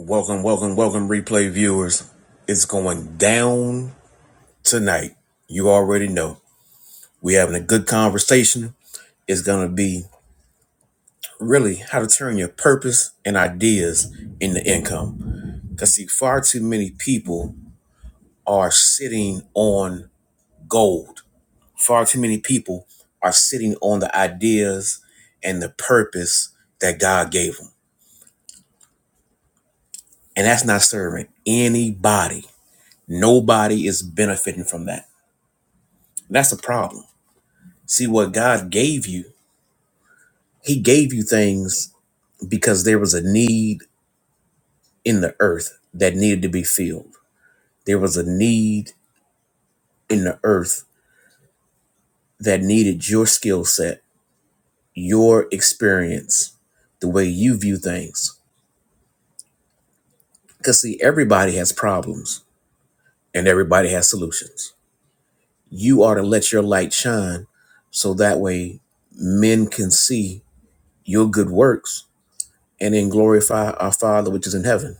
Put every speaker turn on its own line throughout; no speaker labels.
Welcome, welcome, welcome, replay viewers. It's going down tonight. You already know. We're having a good conversation. It's going to be really how to turn your purpose and ideas into income. Because, see, far too many people are sitting on gold. Far too many people are sitting on the ideas and the purpose that God gave them. And that's not serving anybody. Nobody is benefiting from that. And That's a problem See what God gave you. He gave you things because there was a need in the earth that needed to be filled. There was a need in the earth that needed your skill set, your experience, the way you view things. Because, see, everybody has problems and everybody has solutions. You are to let your light shine so that way men can see your good works and then glorify our Father which is in heaven.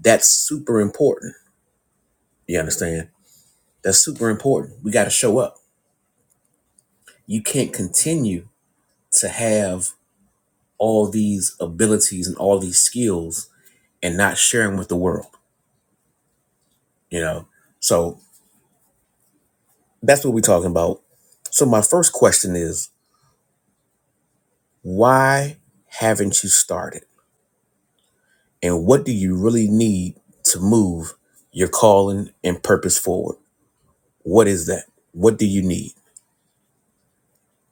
That's super important You understand? That's super important. We got to show up. You can't continue to have all these abilities and all these skills and not sharing with the world, you know? So that's what we're talking about. So, my first question is why haven't you started? And what do you really need to move your calling and purpose forward? What is that? What do you need?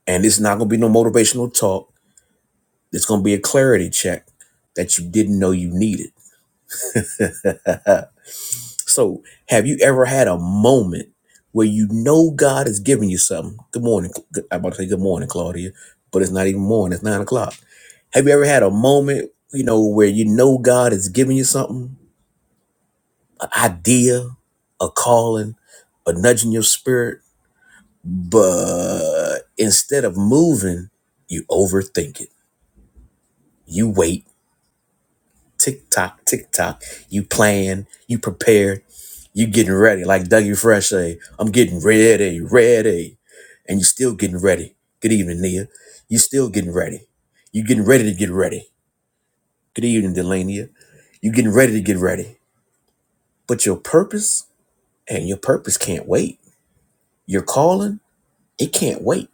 And it's not going to be no motivational talk. It's going to be a clarity check that you didn't know you needed so, have you ever had a moment where you know God has given you something? Good morning. I'm about to say good morning, Claudia, but it's not even morning. It's nine o'clock. Have you ever had a moment, you know, where you know God has given you something, an idea, a calling, a nudge in your spirit, but instead of moving, you overthink it. You wait. Tick tock, tick tock. You plan. You prepare You getting ready, like Dougie Fresh say, I'm getting ready, ready. And you still getting ready. Good evening, Nia. You still getting ready. You getting ready to get ready. Good evening, Delania. You getting ready to get ready. But your purpose and your purpose can't wait. Your calling, it can't wait.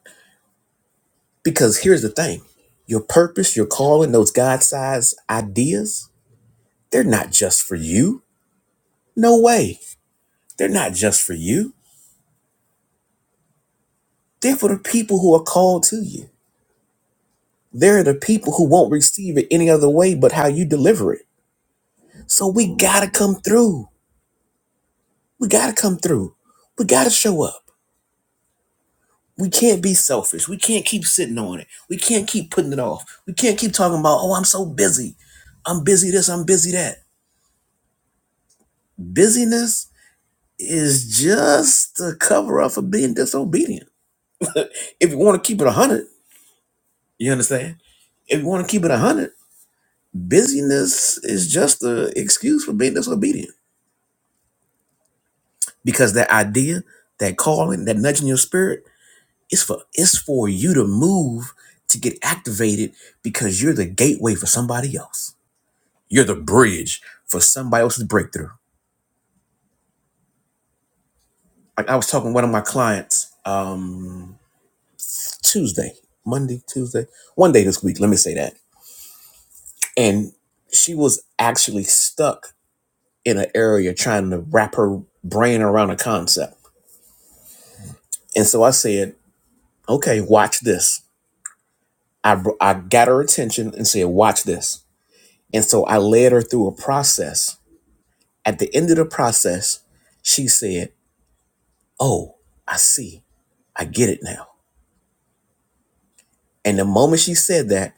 Because here's the thing. Your purpose, your calling, those God-sized ideas, they're not just for you. No way. They're not just for you. They're for the people who are called to you. There are the people who won't receive it any other way but how you deliver it. So we gotta come through. We gotta come through. We gotta show up. We can't be selfish. We can't keep sitting on it. We can't keep putting it off. We can't keep talking about, oh, I'm so busy. I'm busy this, I'm busy that. Busyness is just a cover up for being disobedient. If you wanna keep it 100, you understand? If you wanna keep it 100, busyness is just an excuse for being disobedient because that idea, that calling, that nudging your spirit, it's for it's for you to move to get activated because you're the gateway for somebody else. You're the bridge for somebody else's breakthrough. Like I was talking to one of my clients um Tuesday, Monday, Tuesday, one day this week, let me say that. And she was actually stuck in an area trying to wrap her brain around a concept. And so I said, okay, watch this I, I got her attention and said, watch this. And so I led her through a process. At the end of the process, she said, oh, I see. I get it now. And the moment she said that,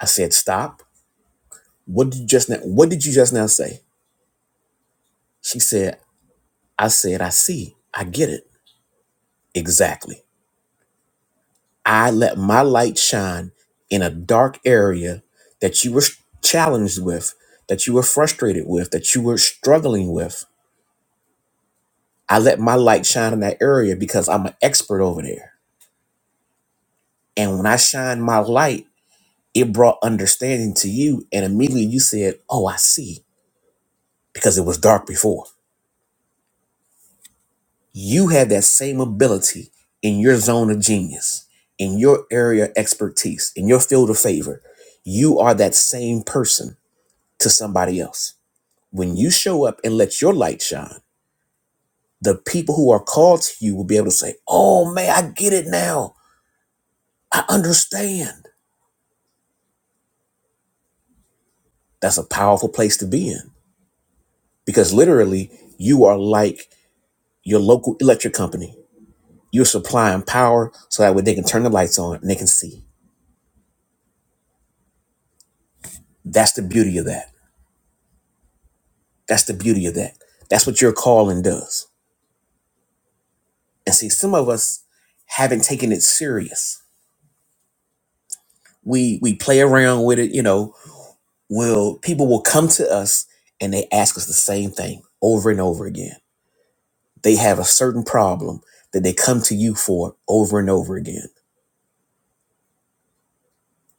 I said, stop. What did you just now, what did you just now say? She said, I said, I see. I get it. Exactly. I let my light shine in a dark area that you were challenged with, that you were frustrated with, that you were struggling with I let my light shine in that area because I'm an expert over there. And when I shine my light, it brought understanding to you. And immediately you said, Oh, I see, because it was dark before. You have that same ability in your zone of genius, in your area of expertise, in your field of favor. You are that same person to somebody else. When you show up and let your light shine, the people who are called to you will be able to say, Oh, man, I get it now. I understand. That's a powerful place to be in because literally you are like your local electric company. You're supplying power so that way they can turn the lights on and they can see. That's the beauty of that. That's the beauty of that. That's what your calling does. And see, some of us haven't taken it serious. We we play around with it, you know. Will people will come to us and they ask us the same thing over and over again. They have a certain problem that they come to you for over and over again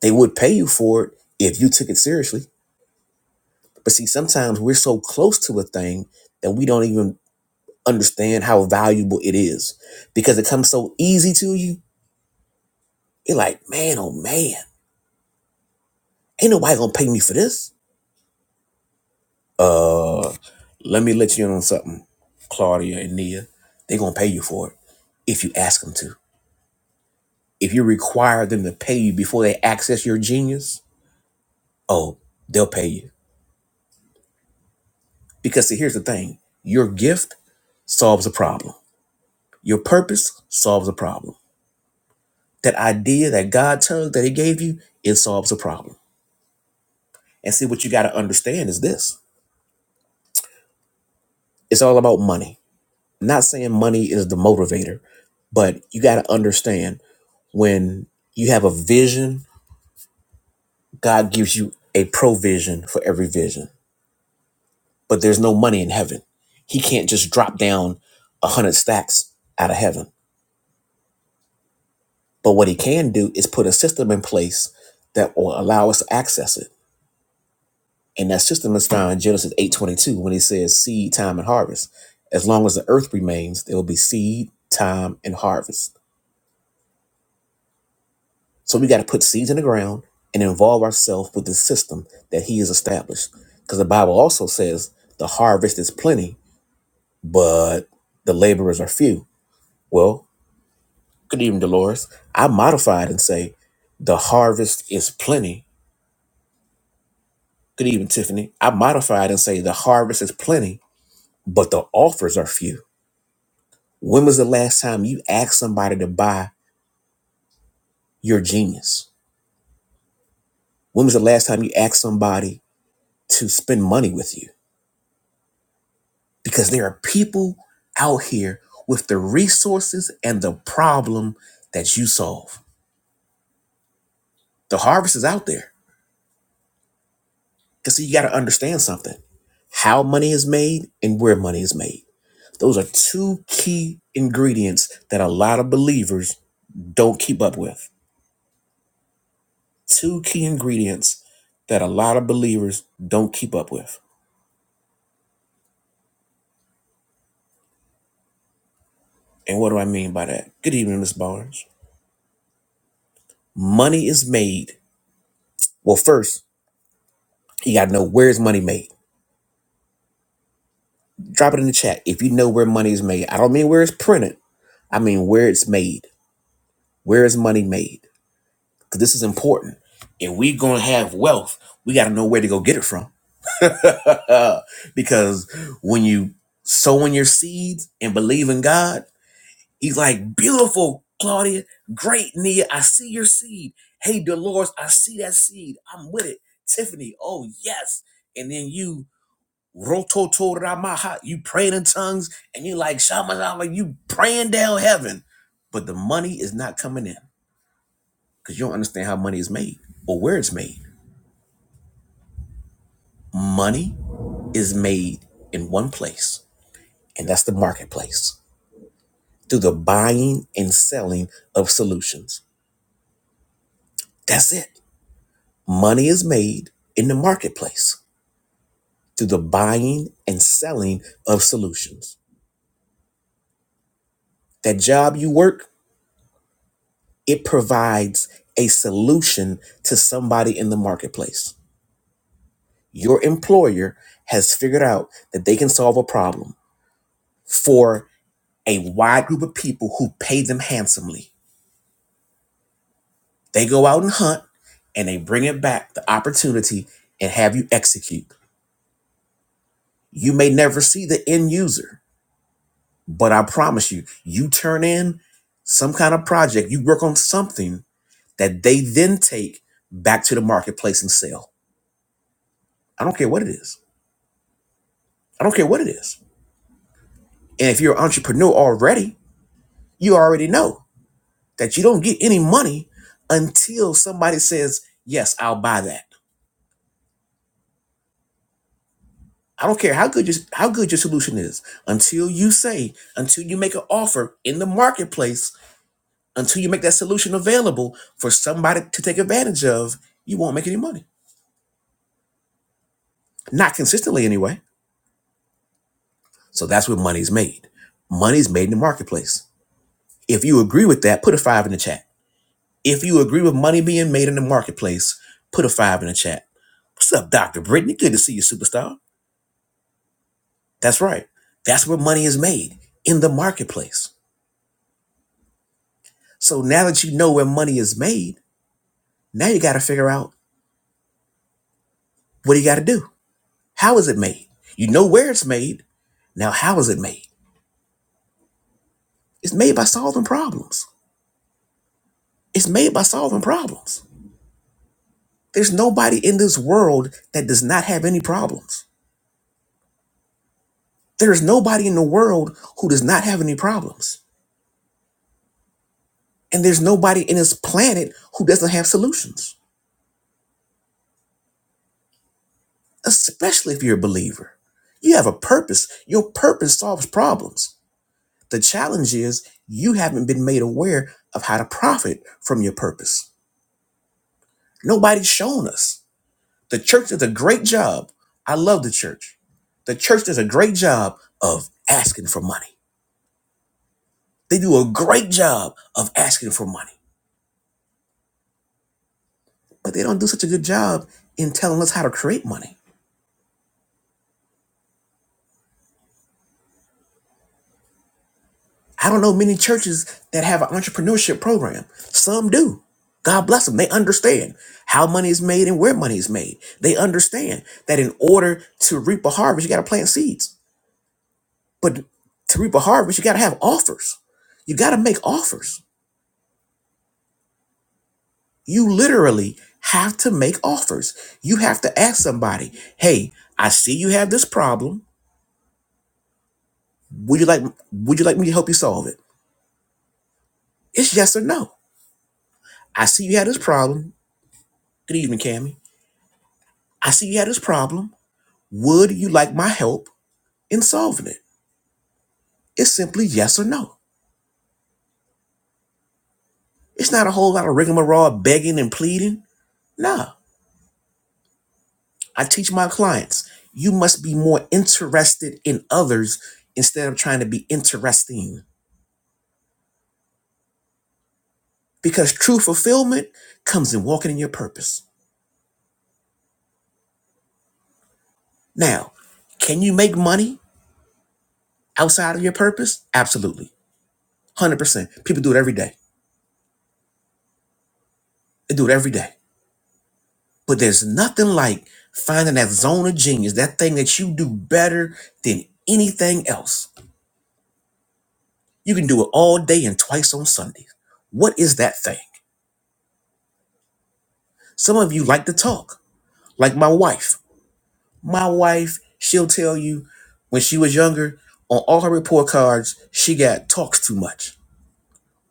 They would pay you for it if you took it seriously. But see, sometimes we're so close to a thing that we don't even understand how valuable it is because it comes so easy to you. You're like, man, oh man, ain't nobody gonna pay me for this. Uh, let me let you in on something, Claudia and Nia. They're gonna pay you for it if you ask them to. If you require them to pay you before they access your genius, oh, they'll pay you. Because see, here's the thing your gift solves a problem Your purpose solves a problem. That idea, that God tug that He gave you, it solves a problem. And see, what you got to understand is this it's all about money. I'm Not saying money is the motivator, but you got to understand when you have a vision, God gives you a provision for every vision, but there's no money in heaven. He can't just drop down a hundred stacks out of heaven. But what he can do is put a system in place that will allow us to access it. And that system is found in Genesis 8.22 when he says seed, time, and harvest. As long as the earth remains, there will be seed, time, and harvest. So we got to put seeds in the ground and involve ourselves with the system that he has established. Because the Bible also says the harvest is plenty, but the laborers are few. Well, good evening, Dolores. I modified and say the harvest is plenty. Good evening, Tiffany. I modified and say the harvest is plenty, but the offers are few When was the last time you asked somebody to buy your genius? When was the last time you asked somebody to spend money with you? Because there are people out here with the resources and the problem that you solve. The harvest is out there. Because see, you got to understand something how money is made and where money is made. Those are two key ingredients that a lot of believers don't keep up with. Two key ingredients that a lot of believers don't keep up with. And what do I mean by that? Good evening, Miss Barnes. Money is made. Well, first, you gotta know where is money made. Drop it in the chat if you know where money is made. I don't mean where it's printed. I mean where it's made. Where is money made? Because this is important. If we gonna have wealth, we gotta know where to go get it from. because when you sowing your seeds and believe in God He's like, beautiful, Claudia. Great, Nia. I see your seed. Hey, Dolores, I see that seed. I'm with it. Tiffany, oh, yes. And then you, rototoramaha, you praying in tongues, and you like, shamanama, you praying down heaven. But the money is not coming in because you don't understand how money is made or where it's made. Money is made in one place, and that's the marketplace through the buying and selling of solutions. That's it. Money is made in the marketplace through the buying and selling of solutions. That job you work, it provides a solution to somebody in the marketplace. Your employer has figured out that they can solve a problem for a wide group of people who pay them handsomely. They go out and hunt and they bring it back the opportunity and have you execute. You may never see the end user, But I promise you, you turn in some kind of project, you work on something that they then take back to the marketplace and sell. I don't care what it is. I don't care what it is. And if you're an entrepreneur already, you already know that you don't get any money until somebody says, "Yes, I'll buy that." I don't care how good your how good your solution is. Until you say, until you make an offer in the marketplace, until you make that solution available for somebody to take advantage of, you won't make any money. Not consistently anyway. So that's where money's made. Money's made in the marketplace. If you agree with that, put a five in the chat. If you agree with money being made in the marketplace, put a five in the chat. What's up, Dr. Brittany? Good to see you, superstar. That's right. That's where money is made in the marketplace. So now that you know where money is made, now you got to figure out what you got to do? How is it made? You know where it's made. Now, how is it made? It's made by solving problems. It's made by solving problems. There's nobody in this world that does not have any problems. There is nobody in the world who does not have any problems. And there's nobody in this planet who doesn't have solutions, especially if you're a believer. You have a purpose. Your purpose solves problems. The challenge is you haven't been made aware of how to profit from your purpose. Nobody's shown us. The church does a great job. I love the church. The church does a great job of asking for money. They do a great job of asking for money, but they don't do such a good job in telling us how to create money. I don't know many churches that have an entrepreneurship program. Some do. God bless them. They understand how money is made and where money is made. They understand that in order to reap a harvest, you got to plant seeds. But to reap a harvest, you got to have offers. You got to make offers. You literally have to make offers. You have to ask somebody, hey, I see you have this problem. Would you like Would you like me to help you solve it? It's yes or no. I see you had this problem. Good evening, Cammy. I see you had this problem. Would you like my help in solving it? It's simply yes or no. It's not a whole lot of rigmarole, begging and pleading. No. I teach my clients you must be more interested in others instead of trying to be interesting. Because true fulfillment comes in walking in your purpose. Now, can you make money outside of your purpose? Absolutely. 100%. People do it every day. They do it every day. But there's nothing like finding that zone of genius, that thing that you do better than anything else. You can do it all day and twice on Sundays. What is that thing? Some of you like to talk, like my wife. My wife, she'll tell you when she was younger, on all her report cards, she got talks too much.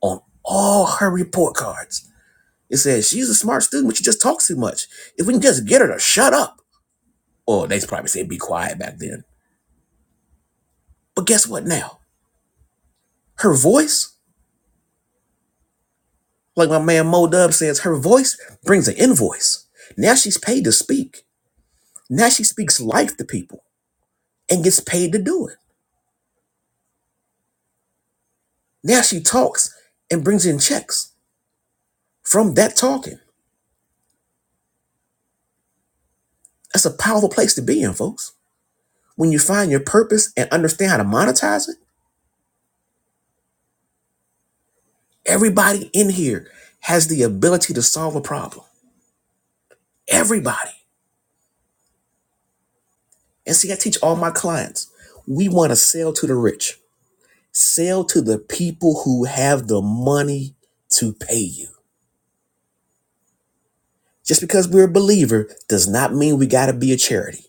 On all her report cards. It says she's a smart student, but she just talks too much. If we can just get her to shut up, Or they probably said be quiet back then. But guess what now? Her voice, like my man Mo Dub says, her voice brings an invoice. Now she's paid to speak. Now she speaks life to people and gets paid to do it. Now she talks and brings in checks from that talking. That's a powerful place to be in, folks. When you find your purpose and understand how to monetize it, everybody in here has the ability to solve a problem. Everybody. And see, I teach all my clients, we want to sell to the rich. Sell to the people who have the money to pay you. Just because we're a believer does not mean we got to be a charity.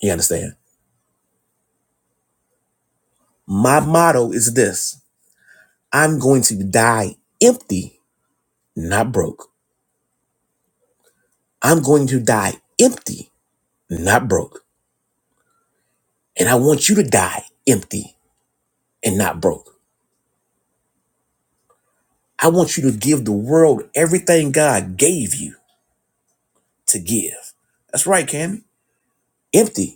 You understand? My motto is this I'm going to die empty, not broke. I'm going to die empty, not broke. And I want you to die empty and not broke. I want you to give the world everything God gave you to give. That's right, Cammy. Empty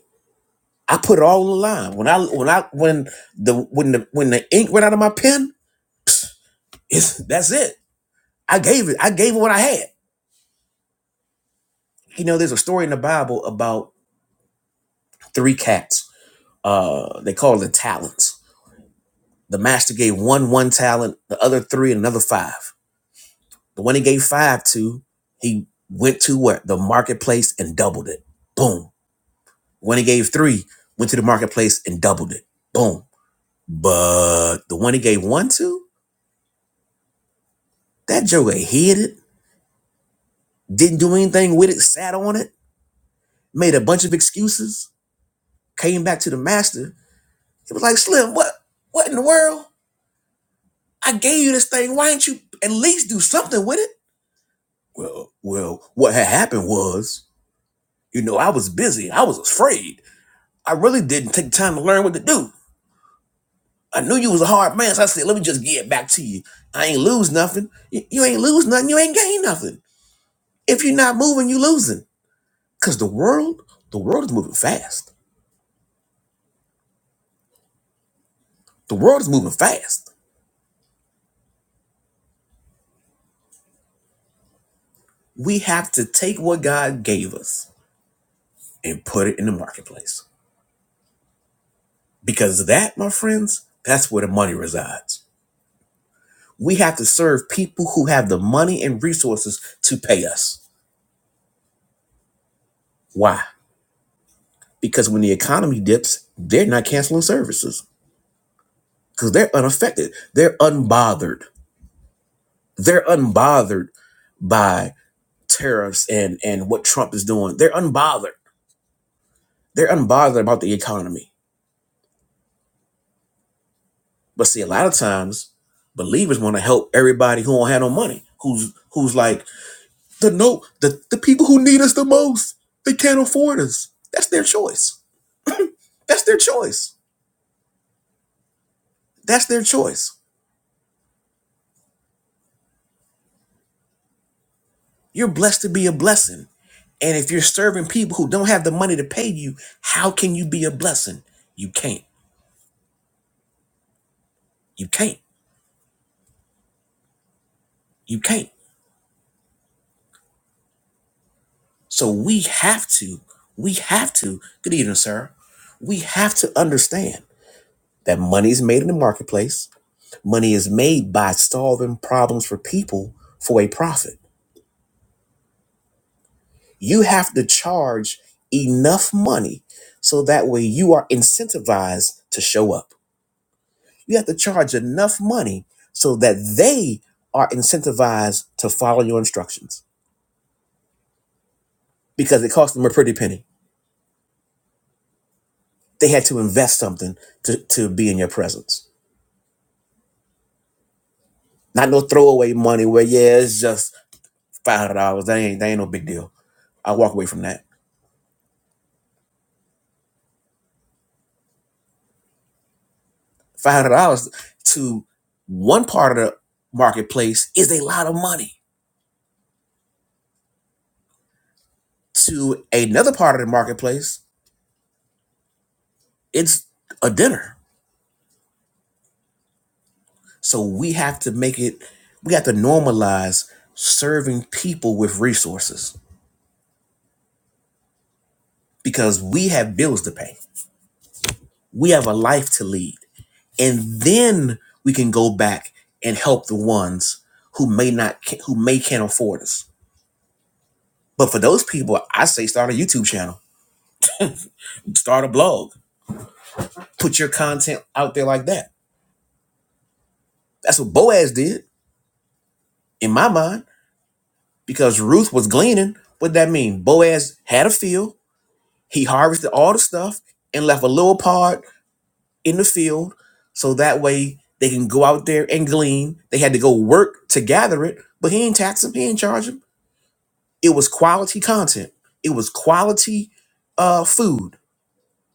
I put it all on the line. When I when I when the when the when the ink went out of my pen, it's that's it. I gave it. I gave it what I had. You know, there's a story in the Bible about three cats. Uh, they call them talents. The master gave one one talent, the other three, and another five. The one he gave five to, he went to what the marketplace and doubled it. Boom. When he gave three, went to the marketplace and doubled it. Boom. But the one he gave one to, that Joker hid it didn't do anything with it, sat on it, made a bunch of excuses, came back to the master. He was like, Slim, what what in the world? I gave you this thing. Why didn't you at least do something with it? Well, well, what had happened was, you know, I was busy. I was afraid. I really didn't take time to learn what to do. I knew you was a hard man, so I said, let me just get back to you. I ain't lose nothing. You, you ain't lose nothing. You ain't gain nothing. If you're not moving, you losing. Cause the world, the world is moving fast. The world is moving fast We have to take what God gave us and put it in the marketplace. Because that, my friends, that's where the money resides. We have to serve people who have the money and resources to pay us. Why? Because when the economy dips, they're not canceling services because they're unaffected. They're unbothered. They're unbothered by tariffs and, and what Trump is doing. They're unbothered. They're unbothered about the economy But see, a lot of times believers want to help everybody who don't have no money, who's who's like the no the, the people who need us the most, they can't afford us. That's their choice. That's their choice. That's their choice. You're blessed to be a blessing. And if you're serving people who don't have the money to pay you, how can you be a blessing? You can't. You can't. You can't. So we have to, we have to, good evening, sir. We have to understand that money is made in the marketplace Money is made by solving problems for people for a profit. You have to charge enough money so that way you are incentivized to show up. You have to charge enough money so that they are incentivized to follow your instructions because it cost them a pretty penny. They had to invest something to, to be in your presence. Not no throwaway money where, yeah, it's just $5. That ain't, that ain't no big deal. I walk away from that five hundred dollars to one part of the marketplace is a lot of money. To another part of the marketplace, it's a dinner. So we have to make it. We have to normalize serving people with resources because we have bills to pay. We have a life to lead, and then we can go back and help the ones who may not, who may can't afford us. But for those people, I say start a YouTube channel, start a blog Put your content out there like that. That's what Boaz did, in my mind, because Ruth was gleaning. What that mean? Boaz had a field. He harvested all the stuff and left a little part in the field, so that way they can go out there and glean. They had to go work to gather it, but he ain't tax him. He ain't charge him. It was quality content. It was quality uh, food.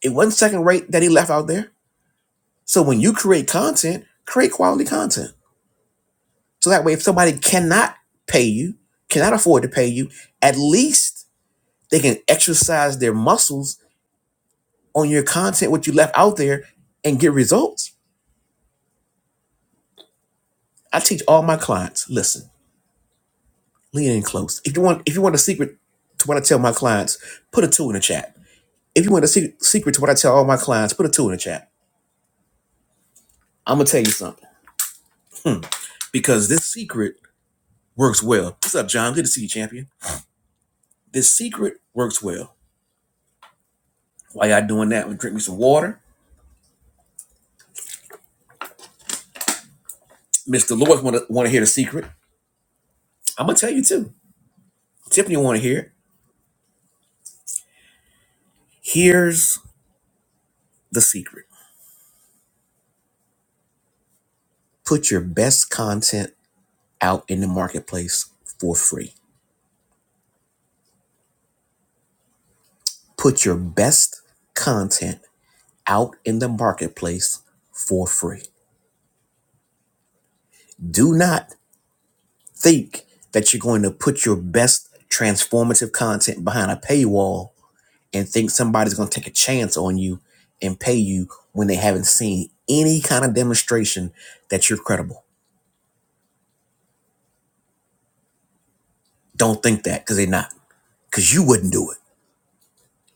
It wasn't second rate that he left out there. So when you create content, create quality content. So that way, if somebody cannot pay you, cannot afford to pay you, at least they can exercise their muscles on your content, what you left out there, and get results. I teach all my clients. Listen, lean in close. If you want, if you want a secret to what I tell my clients, put a two in the chat. If you want a secret, secret to what I tell all my clients, put a two in the chat. I'm gonna tell you something because this secret works well. What's up, John? Good to see you, champion. This secret works well. While y'all doing that, I'm gonna drink me some water. Mr. Lewis want to want to hear the secret. I'm gonna tell you too. Tiffany wanna hear it. Here's the secret. Put your best content out in the marketplace for free. Put your best content out in the marketplace for free. Do not think that you're going to put your best transformative content behind a paywall and think somebody's going to take a chance on you and pay you when they haven't seen any kind of demonstration that you're credible. Don't think that because they're not, because you wouldn't do it.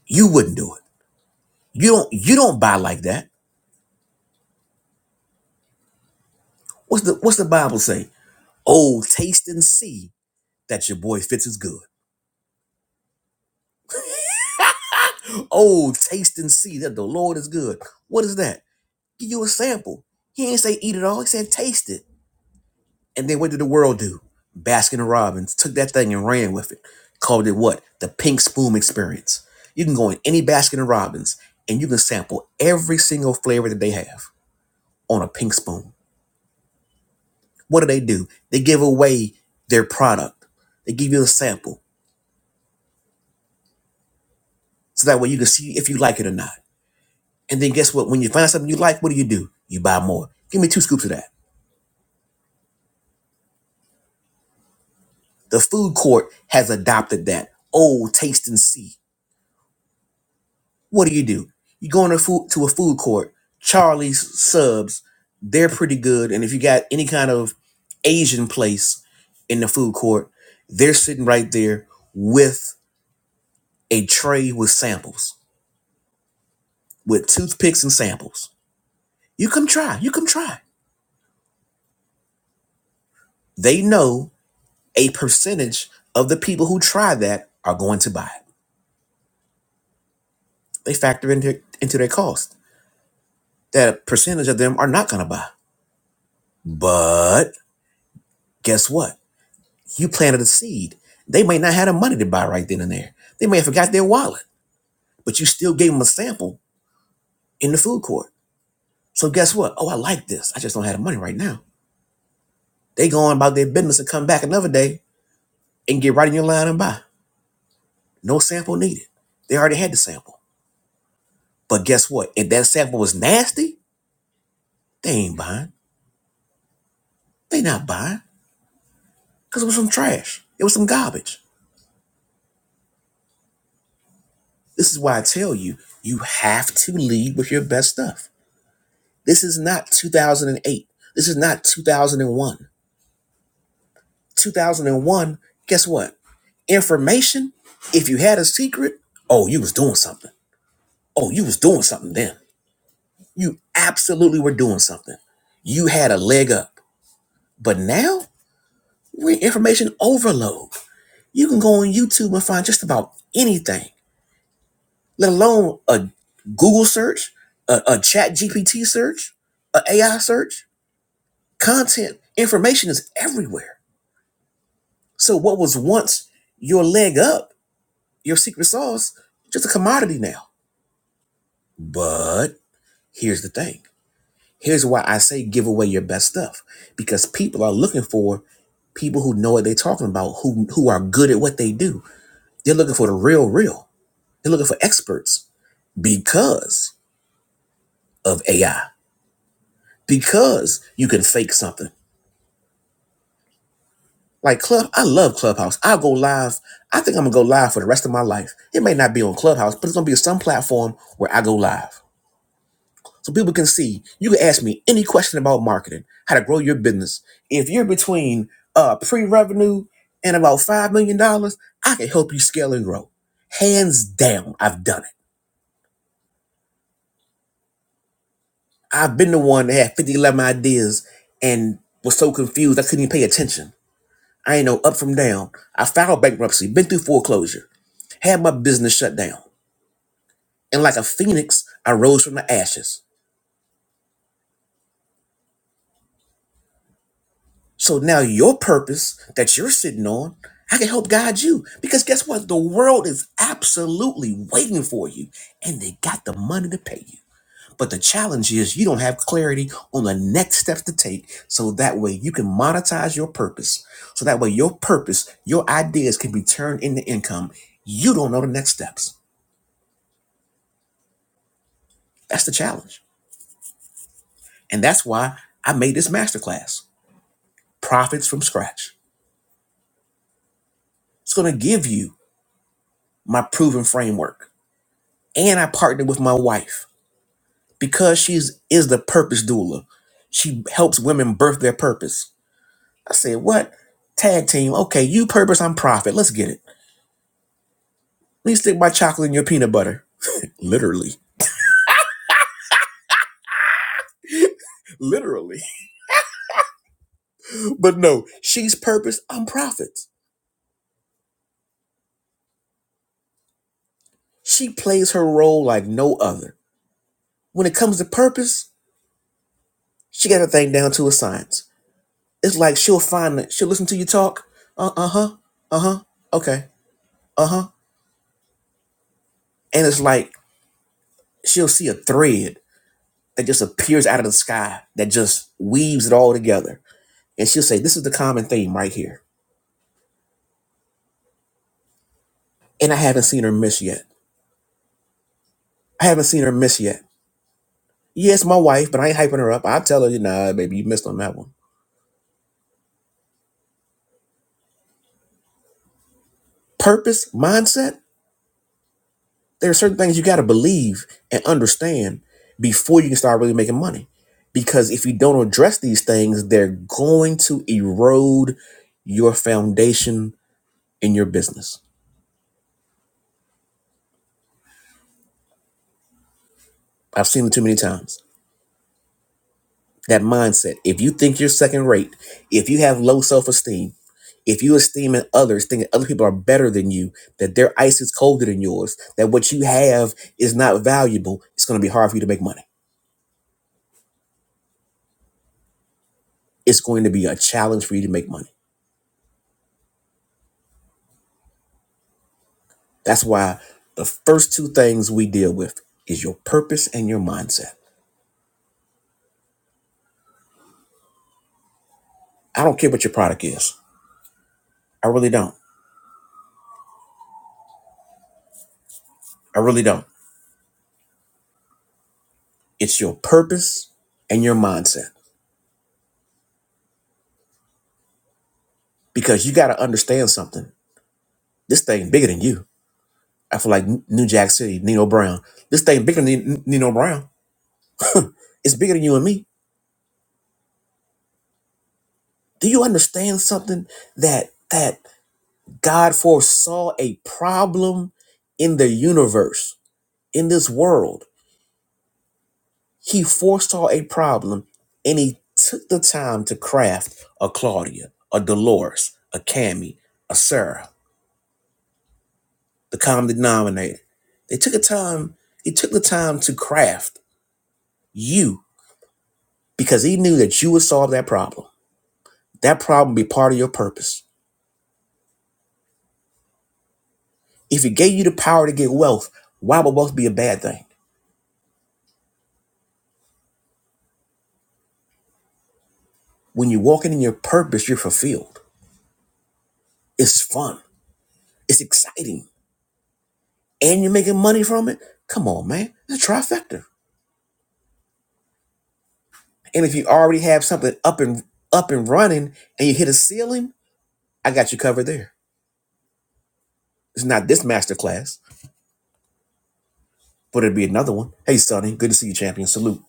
You wouldn't do it. You don't you don't buy like that. What's the what's the Bible say? Oh, taste and see that your boy Fitz is good. Oh, taste and see that the Lord is good. What is that? Give you a sample. He ain't say eat it all, he said taste it. And then what did the world do? Baskin Robbins took that thing and ran with it. Called it what? The pink spoon experience. You can go in any Baskin Robbins and you can sample every single flavor that they have on a pink spoon. What do they do? They give away their product. They give you a sample. So that way you can see if you like it or not. And then guess what? When you find something you like, what do you do? You buy more. Give me two scoops of that. The food court has adopted that. Oh, taste and see. What do you do? You go into food to a food court, Charlie's subs, they're pretty good. And if you got any kind of Asian place in the food court, they're sitting right there with a tray with samples, with toothpicks and samples. You come try. You come try. They know a percentage of the people who try that are going to buy it. They factor into, into their cost. That a percentage of them are not going to buy. But guess what? You planted a seed. They may not have the money to buy right then and there. They may have forgot their wallet, but you still gave them a sample in the food court. So guess what? Oh, I like this. I just don't have the money right now. They go on about their business and come back another day and get right in your line and buy. No sample needed. They already had the sample. But guess what? If that sample was nasty, they ain't buying. They not buying because it was some trash. It was some garbage. This is why I tell you, you have to lead with your best stuff. This is not 2008. This is not 2001. 2001, guess what? Information, if you had a secret, oh, you was doing something. Oh, you was doing something then. You absolutely were doing something. You had a leg up. But now, we're in information overload. You can go on YouTube and find just about anything, let alone a Google search, a, a chat GPT search, an a AI search. Content information is everywhere. So what was once your leg up, your secret sauce, just a commodity now. But here's the thing. Here's why I say give away your best stuff. Because people are looking for people who know what they're talking about, who who are good at what they do. They're looking for the real real. They're looking for experts because of AI because you can fake something. Like Club, I love Clubhouse. I'll go live. I think I'm gonna go live for the rest of my life. It may not be on Clubhouse, but it's gonna be some platform where I go live. So people can see. You can ask me any question about marketing, how to grow your business. If you're between uh pre-revenue and about five million dollars, I can help you scale and grow. Hands down, I've done it. I've been the one that had 50, eleven ideas and was so confused I couldn't even pay attention I ain't know up from down. I filed bankruptcy, been through foreclosure, had my business shut down. And like a phoenix, I rose from the ashes. So now your purpose that you're sitting on, I can help guide you. Because guess what? The world is absolutely waiting for you. And they got the money to pay you. But the challenge is you don't have clarity on the next steps to take. So that way you can monetize your purpose. So that way your purpose, your ideas can be turned into income. You don't know the next steps. That's the challenge. And that's why I made this masterclass, Profits from Scratch. It's going to give you my proven framework. And I partnered with my wife because she's is the purpose doula. She helps women birth their purpose. I said, what? Tag team. Okay, you purpose, I'm profit. Let's get it. Let me stick my chocolate in your peanut butter. Literally. Literally. But no, she's purpose, I'm profit. She plays her role like no other. When it comes to purpose, she got her thing down to a science. It's like she'll find that she'll listen to you talk. Uh huh. Uh huh. Okay. Uh huh. And it's like she'll see a thread that just appears out of the sky that just weaves it all together. And she'll say, This is the common theme right here. And I haven't seen her miss yet. I haven't seen her miss yet. Yes, my wife, but I ain't hyping her up. I'll tell her, nah, baby, you missed on that one. Purpose, mindset. There are certain things you got to believe and understand before you can start really making money. Because if you don't address these things, they're going to erode your foundation in your business. I've seen it too many times. That mindset. If you think you're second rate, if you have low self esteem, if you esteeming others, thinking other people are better than you, that their ice is colder than yours, that what you have is not valuable, it's going to be hard for you to make money. It's going to be a challenge for you to make money That's why the first two things we deal with is your purpose and your mindset. I don't care what your product is. I really don't. I really don't. It's your purpose and your mindset because you got to understand something. This thing bigger than you. I feel like New Jack City, Nino Brown. This thing bigger than Nino Brown. It's bigger than you and me. Do you understand something that that God foresaw a problem in the universe, in this world? He foresaw a problem and he took the time to craft a Claudia, a Dolores, a Cami, a Sarah, the common denominator. They took a time, he took the time to craft you because he knew that you would solve that problem. That problem would be part of your purpose. If he gave you the power to get wealth, why would wealth be a bad thing? When you're walking in your purpose, you're fulfilled. It's fun. It's exciting. And you're making money from it. Come on, man. It's a trifecta. And if you already have something up and up and running and you hit a ceiling, I got you covered there. It's not this master class, but it'd be another one. Hey Sonny, good to see you, champion. Salute.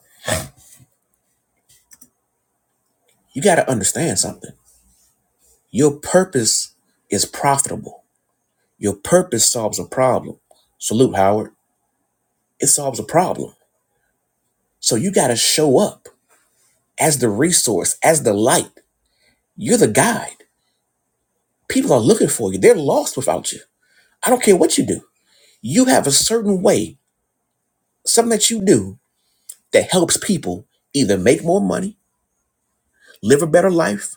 You gotta understand something. Your purpose is profitable. Your purpose solves a problem. Salute, Howard. It solves a problem. So you gotta show up as the resource, as the light. You're the guide. People are looking for you. They're lost without you. I don't care what you do. You have a certain way, something that you do that helps people either make more money, live a better life,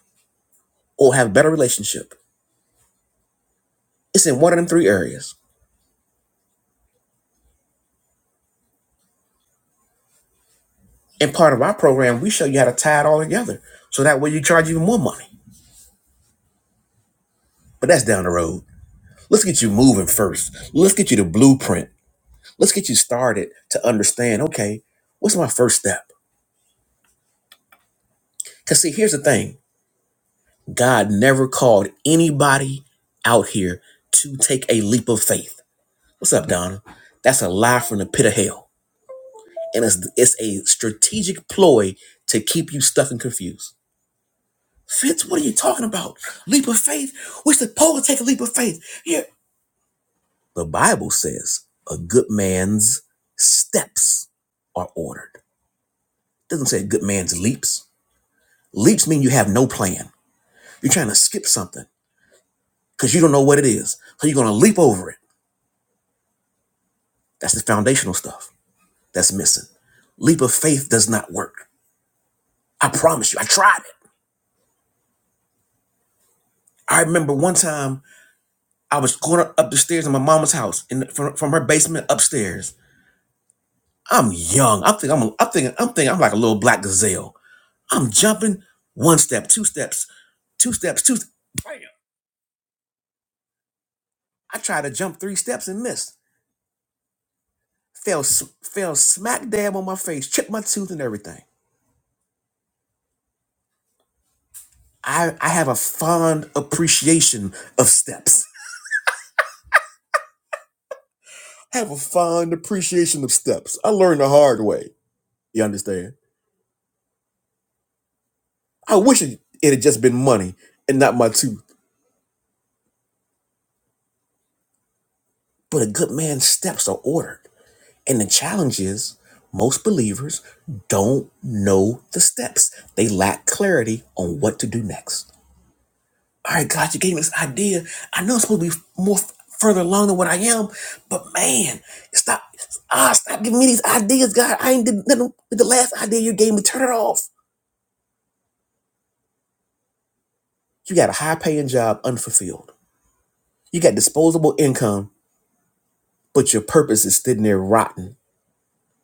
or have a better relationship. It's in one of them three areas. And part of our program, we show you how to tie it all together. So that way you charge even more money. But that's down the road. Let's get you moving first. Let's get you the blueprint. Let's get you started to understand okay, what's my first step? Because, see, here's the thing God never called anybody out here to take a leap of faith. What's up, Donna? That's a lie from the pit of hell. and it's it's a strategic ploy to keep you stuck and confused. Fitz, what are you talking about? Leap of faith? We're supposed to take a leap of faith. Yeah. The Bible says a good man's steps are ordered. It doesn't say a good man's leaps. Leaps mean you have no plan. You're trying to skip something because you don't know what it is. So you're gonna leap over it. That's the foundational stuff that's missing. Leap of faith does not work. I promise you, I tried it. I remember one time I was going up the stairs in my mama's house, in from, from her basement upstairs. I'm young. I think I'm. a- I'm thinking. I'm thinking. I'm like a little black gazelle. I'm jumping one step, two steps, two steps, two. st- Bam! I tried to jump three steps and missed. Fell, s- fell smack dab on my face, chipped my tooth and everything. I, I have a fond appreciation of steps. have a fond appreciation of steps. I learned the hard way. You understand? I wish it, it had just been money and not my tooth. But a good man's steps are ordered. And the challenge is most believers don't know the steps. They lack clarity on what to do next. All right, God, you gave me this idea. I know it's supposed to be more f- further along than what I am, but man, stop. Ah, stop giving me these ideas, God. I ain't did nothing with the last idea you gave me. Turn it off. You got a high paying job unfulfilled. You got disposable income, but your purpose is sitting there rotten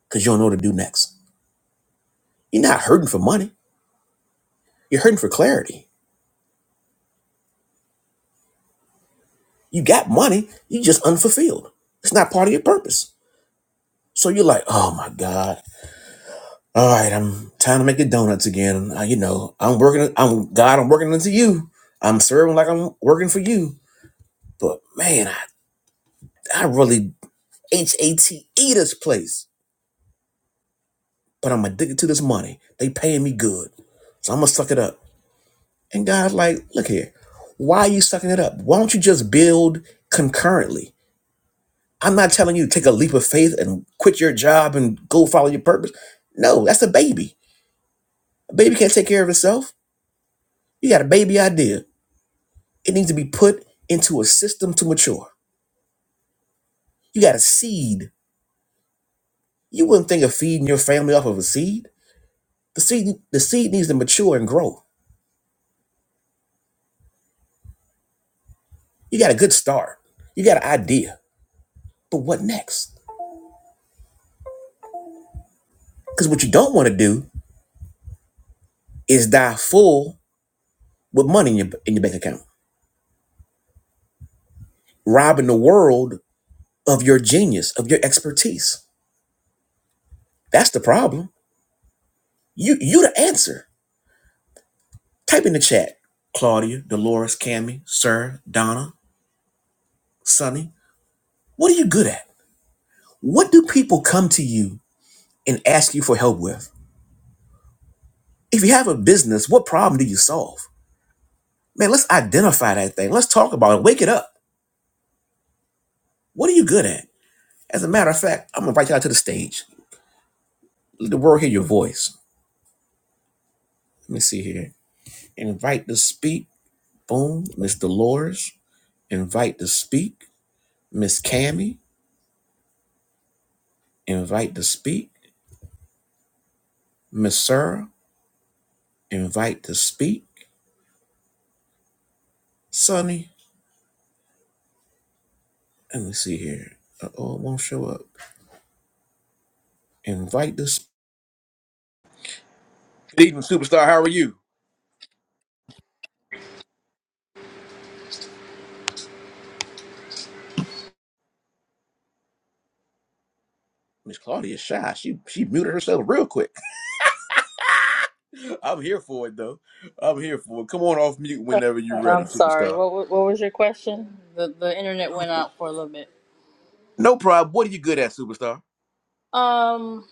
because you don't know what to do next. You're not hurting for money You're hurting for clarity. You got money, you just unfulfilled. It's not part of your purpose. So you're like, oh my God. All right, I'm trying to make the donuts again. Uh, you know, I'm working. I'm God. I'm working unto you. I'm serving like I'm working for you. But man, I, I really H A T E this place. But I'm addicted to this money. They paying me good, so I'm gonna suck it up. And God's like, look here, why are you sucking it up? Why don't you just build concurrently? I'm not telling you to take a leap of faith and quit your job and go follow your purpose. No, that's a baby. A baby can't take care of itself. You got a baby idea. It needs to be put into a system to mature. You got a seed. You wouldn't think of feeding your family off of a seed. The seed the seed needs to mature and grow. You got a good start. You got an idea. But what next? Because what you don't want to do is die full with money in your in your bank account, robbing the world of your genius, of your expertise. That's the problem You you the answer. Type in the chat. Claudia, Dolores, Cammy, Sir, Donna, Sonny. What are you good at? What do people come to you and ask you for help with? If you have a business, what problem do you solve? Man, let's identify that thing. Let's talk about it. Wake it up. What are you good at? As a matter of fact, I'm gonna invite you out to the stage. Let the world hear your voice. Let me see here. Invite to speak. Boom. Miss Dolores. Invite to speak. Miss Cammy. Invite to speak. Miss Sarah Invite to speak, Sonny. Let me see here. Uh oh, it won't show up. Invite to speak. Good evening, superstar. How are you? Miss Claudia Shy. She she muted herself real quick. I'm here for it though. I'm here for it. Come on off mute whenever you're ready,
I'm sorry.
superstar.
What wa- what was your question? The the internet went out for a little bit.
No problem. What are you good at, superstar?
Um,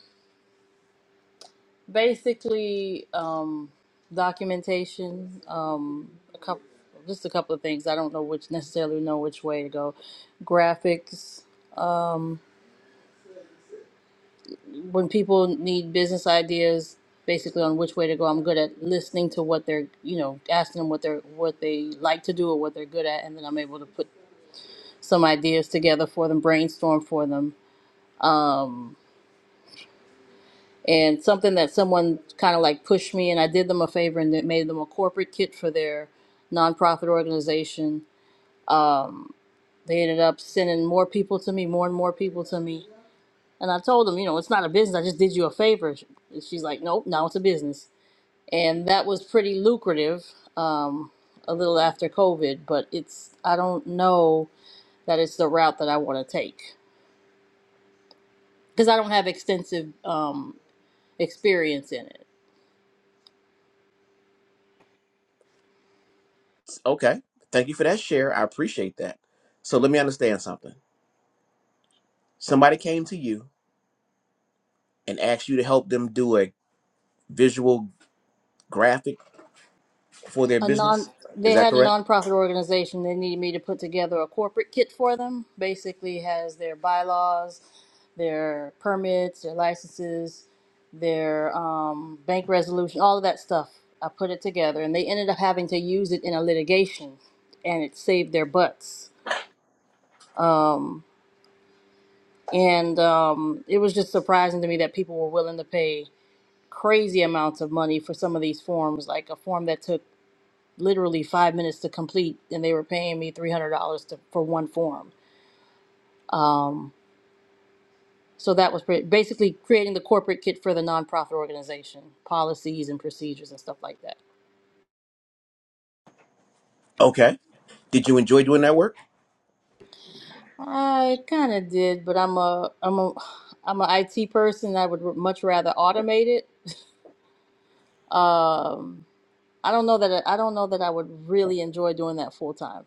basically, um, documentation. Um, a couple, just a couple of things. I don't know which necessarily know which way to go. Graphics. Um, when people need business ideas, basically on which way to go. I'm good at listening to what they're, you know, asking them what they're what they like to do or what they're good at, and then I'm able to put some ideas together for them, brainstorm for them and something that someone kind of like pushed me and I did them a favor and it made them a corporate kit for their nonprofit organization. They ended up sending more people to me, more and more people to me. And I told them, you know, it's not a business. I just did you a favor. And She's like, nope, now it's a business. And that was pretty lucrative um, a little after COVID, but it's, I don't know that it's the route that I want to take because I don't have extensive um, experience in it.
Okay. Thank you for that share. I appreciate that. So let me understand something. Somebody came to you and asked you to help them do a visual graphic for their
a non
business.
they
Is that
had a
correct?
nonprofit organization they needed me to put together a corporate kit for them basically has their bylaws their permits their licenses their um, bank resolution all of that stuff i put it together and they ended up having to use it in a litigation and it saved their butts and um, it was just surprising to me that people were willing to pay crazy amounts of money for some of these forms like a form that took literally five minutes to complete, and they were paying me three hundred dollars to for one form. So that was pretty, basically creating the corporate kit for the nonprofit organization, policies and procedures and stuff like that.
Okay. Did you enjoy doing that work?
I kind of did, but I'm a I'm a I'm an IT person. I would r- much rather automate it. Um, I don't know that I I don't know that I would really enjoy doing that full time.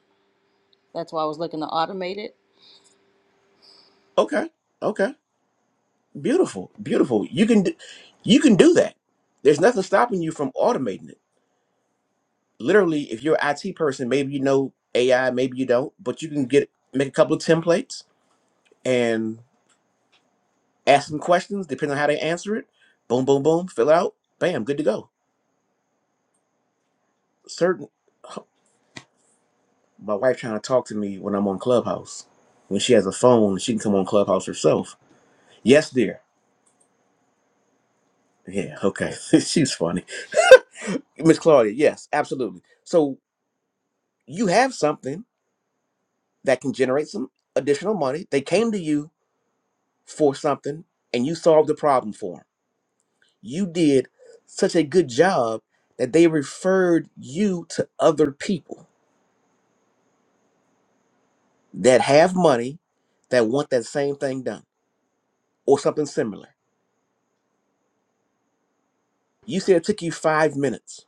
That's why I was looking to automate it
Okay. Okay. Beautiful. Beautiful. You can d- you can do that. There's nothing stopping you from automating it. Literally, if you're an IT person, maybe you know AI, maybe you don't, but you can get make a couple of templates and ask them questions depending on how they answer it. Boom, boom, boom, fill out, bam, good to go. Certain my wife trying to talk to me when I'm on Clubhouse. When she has a phone, she can come on Clubhouse herself. Yes, dear. Yeah, okay. She's funny. Miss Claudia, yes, absolutely. So you have something that can generate some additional money. They came to you for something and you solved the problem for them. You did such a good job that they referred you to other people that have money that want that same thing done or something similar. You said it took you five minutes.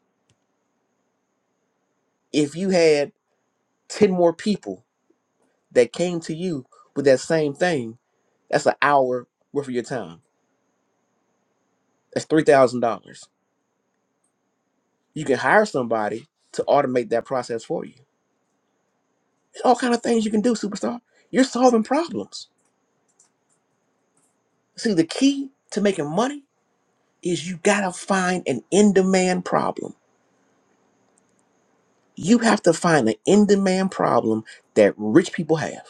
If you had 10 more people that came to you with that same thing, that's an hour worth of your time. That's $3,000 You can hire somebody to automate that process for you. There's all kind of things you can do, superstar. You're solving problems. See, the key to making money is you gotta find an in-demand problem. You have to find an in-demand problem that rich people have.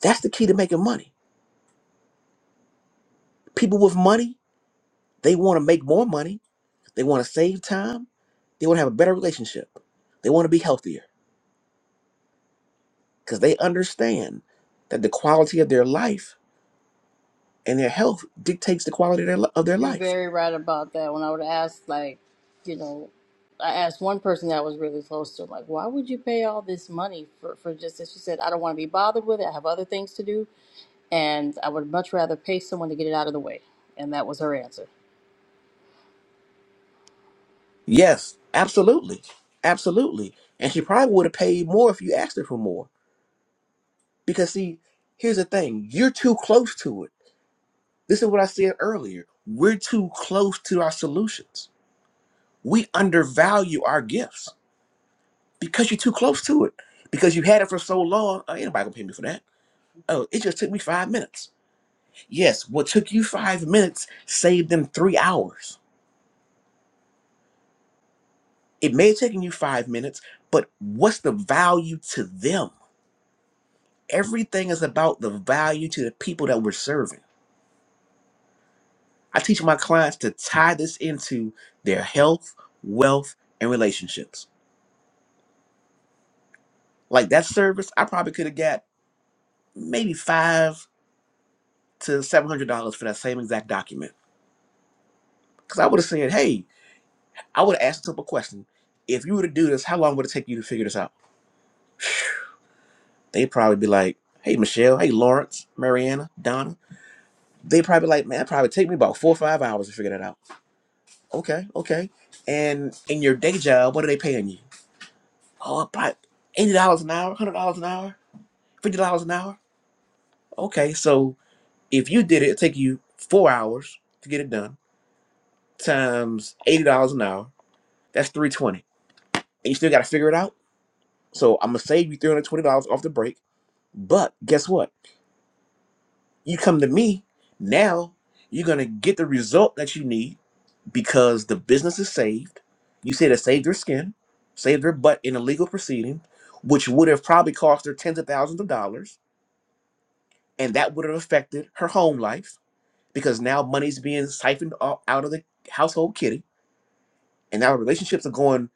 That's the key to making money. People with money, they want to make more money. They want to save time. They want to have a better relationship. They want to be healthier because they understand that the quality of their life and their health dictates the quality of their, li- of their
You're
life.
very right about that. When I would ask, like, you know, I asked one person that I was really close to, like, why would you pay all this money for, for just this? She said, I don't want to be bothered with it. I have other things to do. And I would much rather pay someone to get it out of the way. And that was her answer.
Yes, absolutely. Absolutely. And she probably would have paid more if you asked her for more. Because, see, here's the thing you're too close to it. This is what I said earlier. We're too close to our solutions. We undervalue our gifts. because you're too close to it. Because you had it for so long, uh, ain't nobody gonna pay me for that. Oh, it just took me five minutes. Yes, what took you five minutes saved them three hours. It may have taken you five minutes, but what's the value to them? Everything is about the value to the people that we're serving. I teach my clients to tie this into their health, wealth, and relationships. Like that service, I probably could have got maybe five to seven hundred dollars for that same exact document. Because I would have said, hey, I would ask a simple question. If you were to do this, how long would it take you to figure this out? They'd probably be like, hey, Michelle, hey, Lawrence, Mariana, Donna. They'd probably be like, man, it probably take me about four or five hours to figure that out. Okay, okay. And in your day job, what are they paying you? Oh, probably $80 an hour, $100 an hour, $50 an hour. Okay, so if you did it, it'd take you four hours to get it done times $80 an hour. That's 320 And you still got to figure it out. So I'm going to save you $320 off the break But guess what? You come to me, now you're going to get the result that you need because the business is saved. You said it saved their skin, saved their butt in a legal proceeding, which would have probably cost her tens of thousands of dollars. And that would have affected her home life because now money's being siphoned o- out of the household kitty and our relationships are going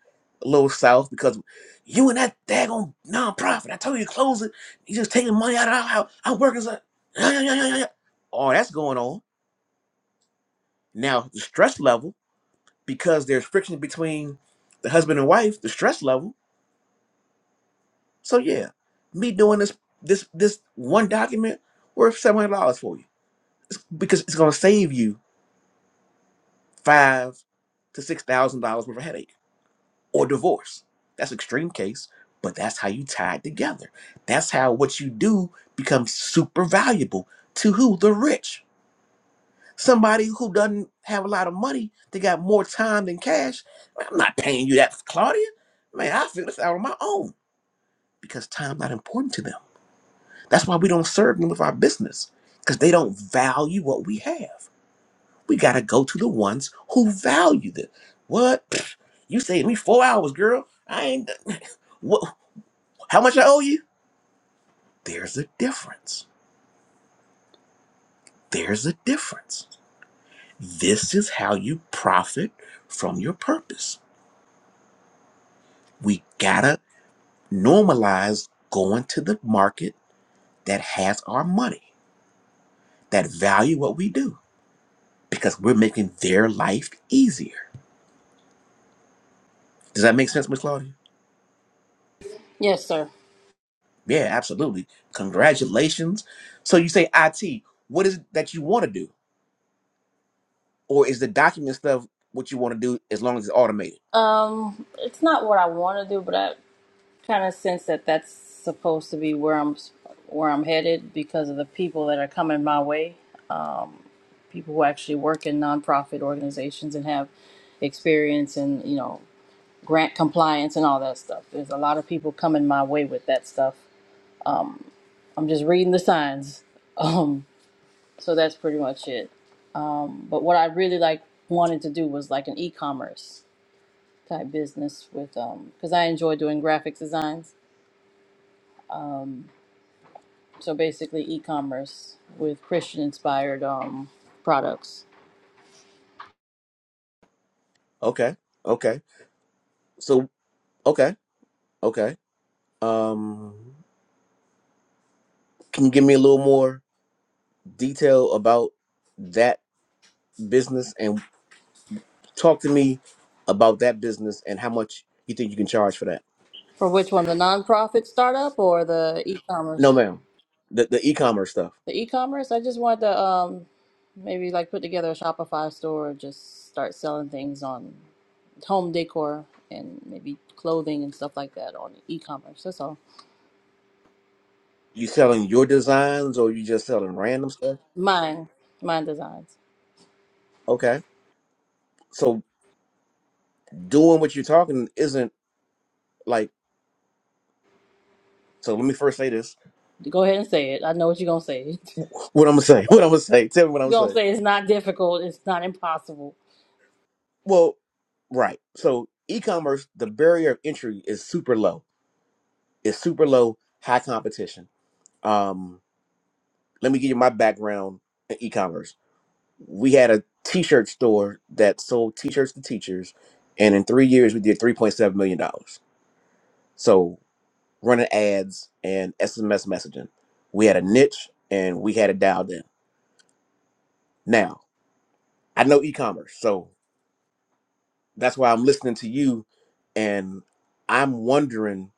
a little south because you and that daggone nonprofit. I told you to close it. You just taking money out of our house. Our workers are. yeah, yeah, yeah, yeah, yeah. All that's going on now. The stress level because there's friction between the husband and wife. The stress level. So yeah, me doing this this this one document worth seven hundred dollars for you it's because it's going to save you five to six thousand dollars worth of headache. or divorce. That's extreme case, but that's how you tie it together. That's how what you do becomes super valuable to who? The rich. Somebody who doesn't have a lot of money, they got more time than cash. I'm not paying you that, Claudia. Man, I figure this out on my own because time's not important to them. That's why we don't serve them with our business because they don't value what we have. We got to go to the ones who value it. What? Pfft, You saved me four hours, girl. I ain't. what. How much I owe you? There's a difference. There's a difference. This is how you profit from your purpose. We gotta normalize going to the market that has our money, that value what we do, because we're making their life easier. Does that make sense, Miss Claudia?
Yes, sir.
Yeah, absolutely. Congratulations. So you say IT, what is it that you want to do? Or is the document stuff what you want to do as long as it's automated?
Um, it's not what I want to do, but I kind of sense that that's supposed to be where I'm where I'm headed because of the people that are coming my way, people who actually work in nonprofit organizations and have experience and you know grant compliance and all that stuff. There's a lot of people coming my way with that stuff. I'm just reading the signs. Um, so that's pretty much it. But what I really like wanted to do was like an e-commerce type business with um because I enjoy doing graphic designs. So basically e-commerce with Christian inspired um products.
Okay. Okay. So okay. Okay. Um can you give me a little more detail about that business and talk to me about that business and how much you think you can charge for that?
For which one, the nonprofit startup or the
No,
e-commerce?
ma'am. The the e-commerce stuff.
The e-commerce, I just wanted to um maybe like put together a Shopify store or just start selling things on home decor and maybe clothing and stuff like that on e-commerce. That's all.
You selling your designs or you just selling random stuff?
Mine, mine designs.
Okay. So doing what you're talking isn't like so let me first say this.
Go ahead and say it. I know what you're gonna say.
What I'm gonna say. What I'm gonna say. Tell me what I'm
You're
gonna
gonna
say.
say it's not difficult. It's not impossible.
Well, right. So e-commerce, the barrier of entry is super low. It's super low, high competition. Um, let me give you my background in e-commerce. We had a t-shirt store that sold t-shirts to teachers, and in three years we did three point seven million dollars. So running ads and SMS messaging. We had a niche and we had it dialed in. Now, I know e-commerce, so that's why I'm listening to you and I'm wondering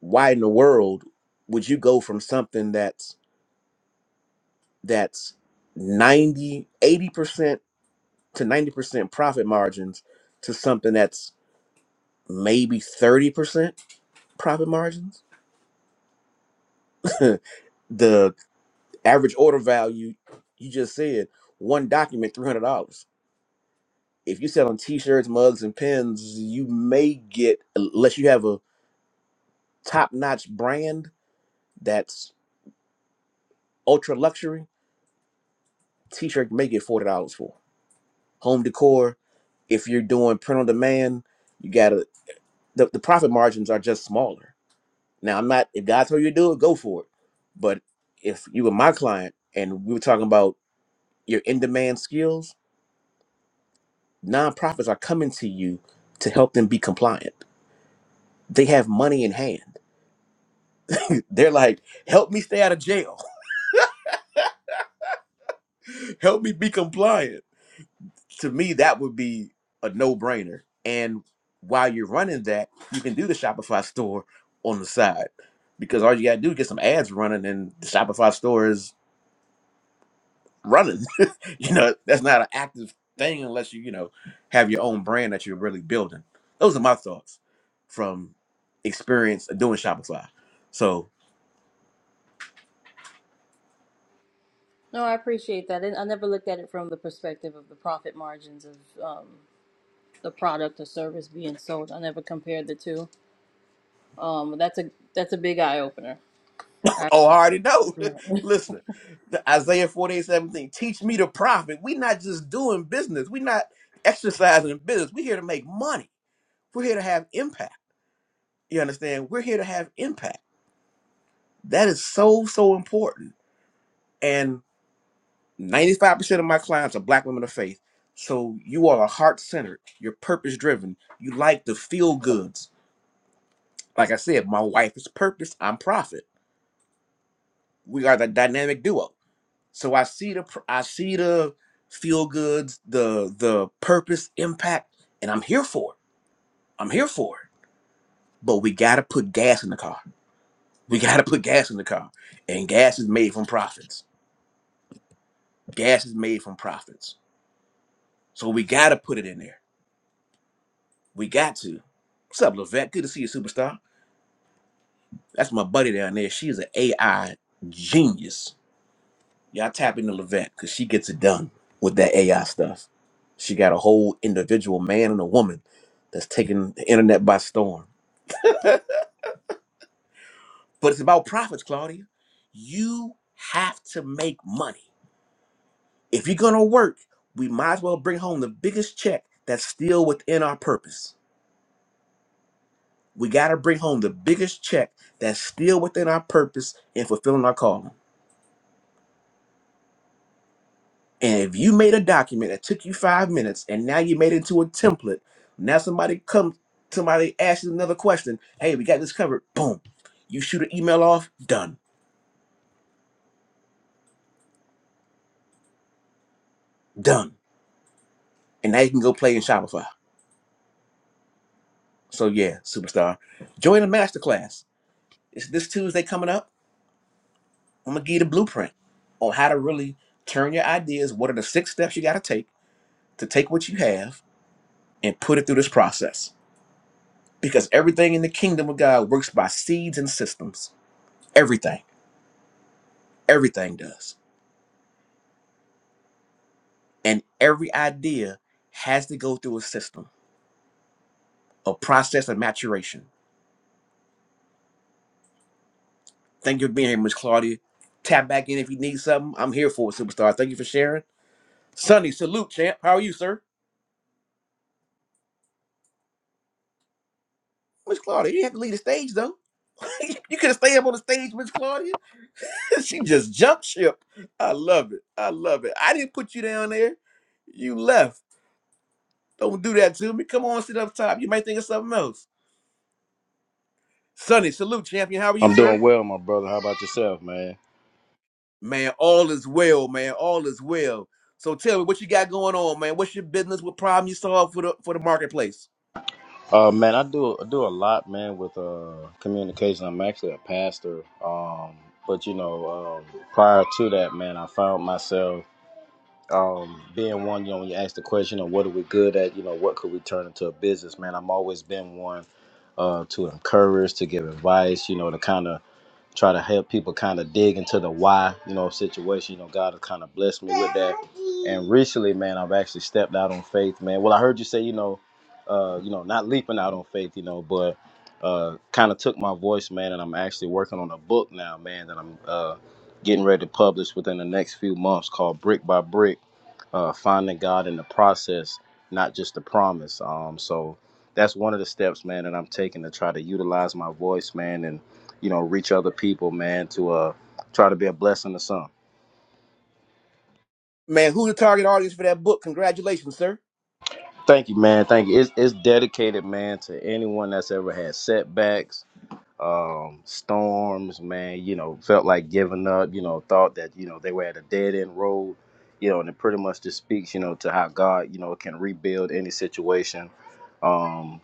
why in the world would you go from something that's that's ninety eighty percent to 90% profit margins to something that's maybe 30% profit margins the average order value you just said one document $300 if you sell on t-shirts mugs and pens you may get unless you have a top-notch brand that's ultra luxury t-shirt you may get $40 for home decor. If you're doing print on demand, you gotta the, the profit margins are just smaller. Now I'm not if God told you to do it, go for it. But if you were my client and we were talking about your in demand skills, nonprofits are coming to you to help them be compliant. They have money in hand. They're like, help me stay out of jail. help me be compliant to me that would be a no-brainer and while you're running that you can do the shopify store on the side because all you gotta do is get some ads running and the shopify store is running you know that's not an active thing unless you you know have your own brand that you're really building those are my thoughts from experience of doing shopify so
No, I appreciate that, and I never looked at it from the perspective of the profit margins of um, the product or service being sold. I never compared the two. Um, that's a that's a big eye opener.
Oh, I already know. Listen, the Isaiah 48, 17. teach me to profit. We're not just doing business. We're not exercising business. We're here to make money. We're here to have impact. You understand? We're here to have impact. That is so, so important. And 95% of my clients are black women of faith. So you all are heart centered. You're purpose driven. You like the feel goods. Like I said, my wife is purpose. I'm profit. We are the dynamic duo So I see the pr- I see the feel goods, the the purpose, impact, and I'm here for it. I'm here for it. But we gotta put gas in the car. We gotta put gas in the car, and gas is made from profits. Gas is made from profits. So we gotta put it in there. We got to. What's up, Levette? Good to see you, superstar. That's my buddy down there. She's an AI genius Y'all tap into Levant because she gets it done with that AI stuff. She got a whole individual man and a woman that's taking the internet by storm. But it's about profits, Claudia. You have to make money. If you're gonna work, we might as well bring home the biggest check that's still within our purpose. We gotta bring home the biggest check that's still within our purpose and fulfilling our calling. And if you made a document that took you five minutes and now you made it into a template, now somebody comes, somebody asks you another question. Hey, we got this covered. Boom. You shoot an email off, done, done. And now you can go play in Shopify. So yeah, superstar. Join the masterclass. It's this Tuesday coming up. I'm gonna give you the blueprint on how to really turn your ideas. What are the six steps you gotta take to take what you have and put it through this process? Because everything in the kingdom of God works by seeds and systems. Everything. Everything does. And every idea has to go through a system, a process of maturation. Thank you for being here, Miss Claudia. Tap back in if you need something. I'm here for it, superstar. Thank you for sharing. Sonny, salute, champ. How are you, sir? Miss Claudia, you didn't have to leave the stage, though. you could have stayed up on the stage, Miss Claudia. she just jumped ship. I love it. I love it. I didn't put you down there. You left. Don't do that to me. Come on, sit up top. You might think of something else. Sonny, salute, champion. How are you,
I'm
sir?
doing well, my brother. How about yourself, man?
Man, all is well, man. All is well. So tell me what you got going on, man. What's your business? What problem you solve for the for the marketplace?
Uh, man, I do I do a lot, man, with uh, communication. I'm actually a pastor, um, but you know, um, prior to that, man, I found myself um, being one. You know, when you ask the question of what are we good at, you know, what could we turn into a business, man? I've always been one uh, to encourage, to give advice, you know, to kind of try to help people kind of dig into the why, you know, situation. You know, God has kind of blessed me with that. And recently, man, I've actually stepped out on faith, man. Well, I heard you say, you know, uh, you know, not leaping out on faith, you know, but uh, kind of took my voice, man, and I'm actually working on a book now, man, that I'm uh, getting ready to publish within the next few months called Brick by Brick uh, finding God in the process, not just the promise. Um, so that's one of the steps, man, that I'm taking to try to utilize my voice, man, and you know, reach other people, man, to uh, try to be a blessing to some.
Man, who the target audience for that book? Congratulations, sir.
Thank you, man. Thank you. It's, it's dedicated, man, to anyone that's ever had setbacks, um, storms, man. You know, felt like giving up. You know, thought that you know they were at a dead end road. You know, and it pretty much just speaks, you know, to how God, you know, can rebuild any situation. Um,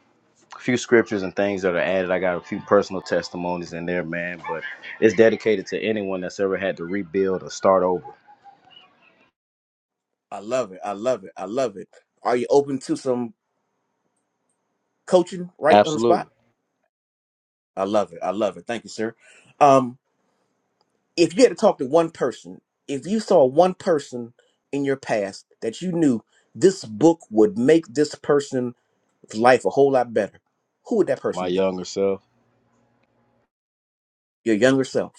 few scriptures and things that are added. I got a few personal testimonies in there, man, but it's dedicated to anyone that's ever had to rebuild or start over.
I love it. I love it. I love it. Are you open to some coaching right on the
Absolutely.
spot? I love it. I love it. Thank you, sir. Um, if you had to talk to one person, if you saw one person in your past that you knew this book would make this person's life a whole lot better, who would that person
My
be?
younger self.
Your younger self.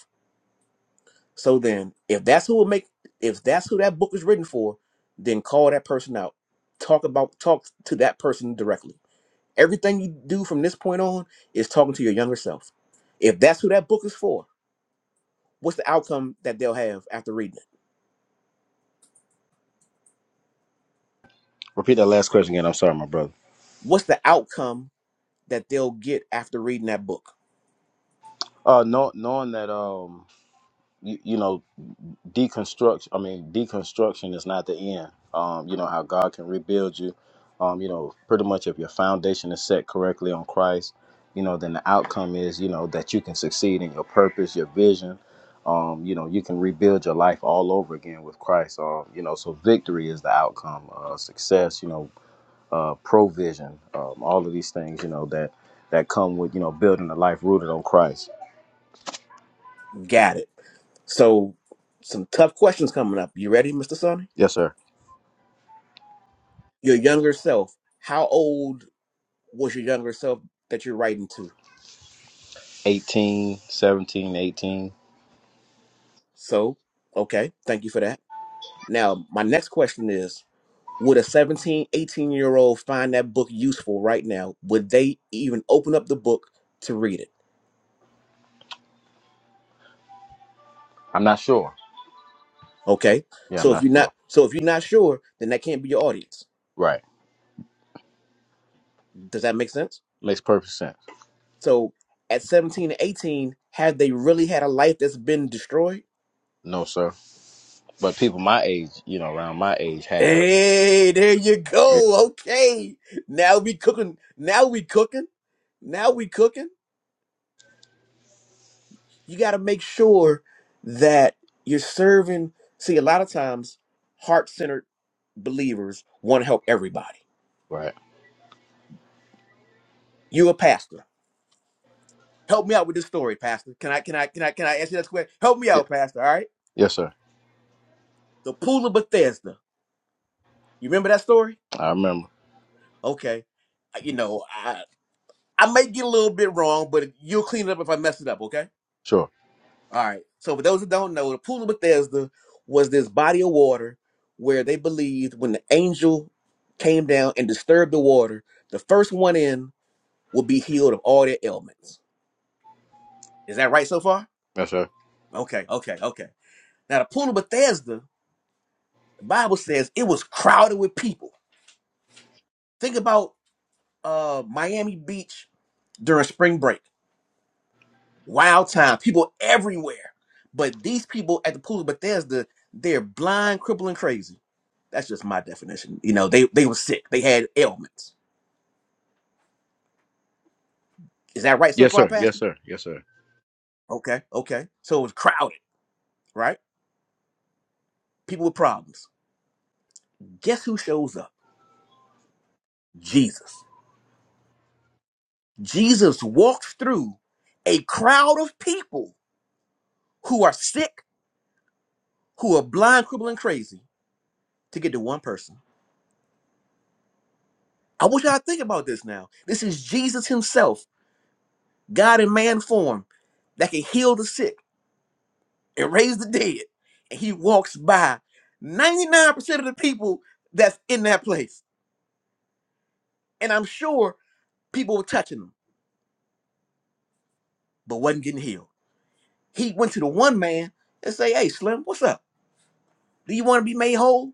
So then, if that's who would make, if that's who that book is written for, then call that person out. Talk about, talk to that person directly. Everything you do from this point on is talking to your younger self. If that's who that book is for, what's the outcome that they'll have after reading it?
Repeat that last question again. I'm sorry, my brother.
What's the outcome that they'll get after reading that book?
Uh, know, knowing that um, you, you know, deconstruction i mean deconstruction is not the end um you know how god can rebuild you um you know pretty much if your foundation is set correctly on christ you know then the outcome is you know that you can succeed in your purpose your vision um you know you can rebuild your life all over again with christ um you know so victory is the outcome uh success you know uh provision um all of these things you know that that come with you know building a life rooted on christ
Got it. So, some tough questions coming up. You ready, Mr. Sonny?
yes sir
Your younger self. How old was your younger self that you're writing to?
Eighteen, seventeen, eighteen.
So, okay, thank you for that Now, my next question is Would a 1718 year old find that book useful right now? Would they even open up the book to read it?
i'm not sure
Okay.
Yeah, I'm
So if
not
you're
sure.
not so if you're not sure, then that can't be your audience.
Right.
Does that make sense?
Makes perfect sense.
So at 17 and 18, have they really had a life that's been destroyed?
No, sir. But people my age, you know, around my age have.
Hey, there you
Yeah.
go. Okay. Now we cooking. Now we cooking. Now we cooking. you got to make sure that you're serving. See, a lot of times, heart centered believers want to help everybody.
Right.
you a pastor. Help me out with this story, Pastor. Can I? Can I? Can I? Can I ask you that question? Help me
Yeah.
out, Pastor. All right.
Yes, sir.
The pool of Bethesda. You remember that story?
I remember.
Okay. You know, I I may get a little bit wrong, but you'll clean it up if I mess it up. Okay
Sure.
All right. So for those who don't know, the pool of Bethesda was this body of water where they believed when the angel came down and disturbed the water, the first one in would be healed of all their ailments. Is that right so far?
Yes, sir.
Okay, okay, okay. Now the pool of Bethesda, the Bible says it was crowded with people. Think about uh Miami Beach during spring break. Wild time, people everywhere. But these people at the pool of Bethesda, they're blind, crippling, crazy That's just my definition. You know, they they were sick. They had ailments. Is that right so
Yes,
far,
sir. Yes,
Pastor?
sir. Yes, sir.
Okay, okay. So it was crowded, right? People with problems. Guess who shows up? Jesus. Jesus walked through a crowd of people who are sick, who are blind, crippled, and crazy to get to one person. I want y'all to think about this now. This is Jesus himself, God in man form, that can heal the sick and raised the dead, and he walks by 99% of the people that's in that place. And I'm sure people were touching him, but wasn't getting healed. He went to the one man and say, Hey Slim, what's up? Do you want to be made whole?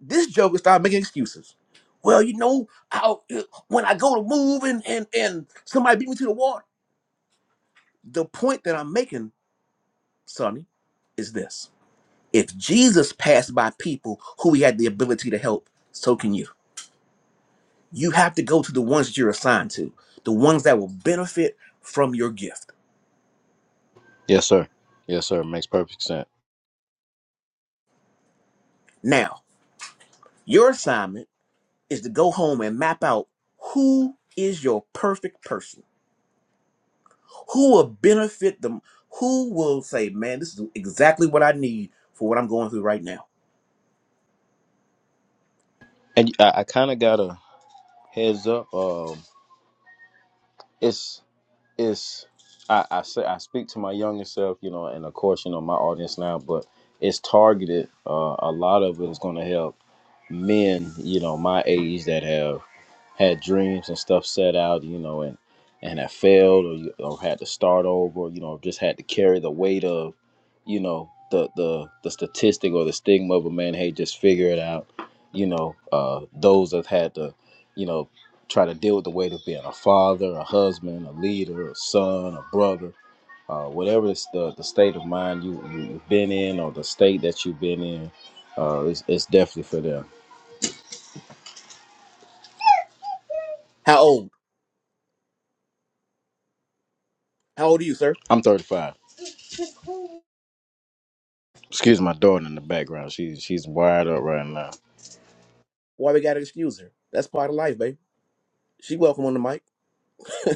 This joker started making excuses. Well, you know, I, when I go to move and, and and somebody beat me to the wall. The point that I'm making, Sonny, is this. If Jesus passed by people who he had the ability to help, so can you you have to go to the ones that you're assigned to, the ones that will benefit from your gift.
Yes, sir. Yes, sir. Makes perfect sense.
Now, your assignment is to go home and map out who is your perfect person, who will benefit them, who will say, man, this is exactly what I need for what I'm going through right now.
And I, I kind of got a heads up. Um, it's it's I, I say I speak to my younger self, you know, and of course, you know, my audience now, but it's targeted. Uh, a lot of it is going to help men, you know, my age that have had dreams and stuff set out, you know, and and have failed or you or had to start over, you know, just had to carry the weight of, you know, the the the statistic or the stigma of a man, hey, just figure it out, you know, uh those that had to, you know, try to deal with the weight of being a father, a husband, a leader, a son, a brother, uh, whatever it's the, the state of mind you, you, have been in or the state that you've been in, uh, it's, it's definitely for them.
How old? How old are you, sir?
I'm 35. Excuse my daughter in the background. She's she's wired up right now.
Why we gotta excuse her? That's part of life, babe. She welcome on the mic.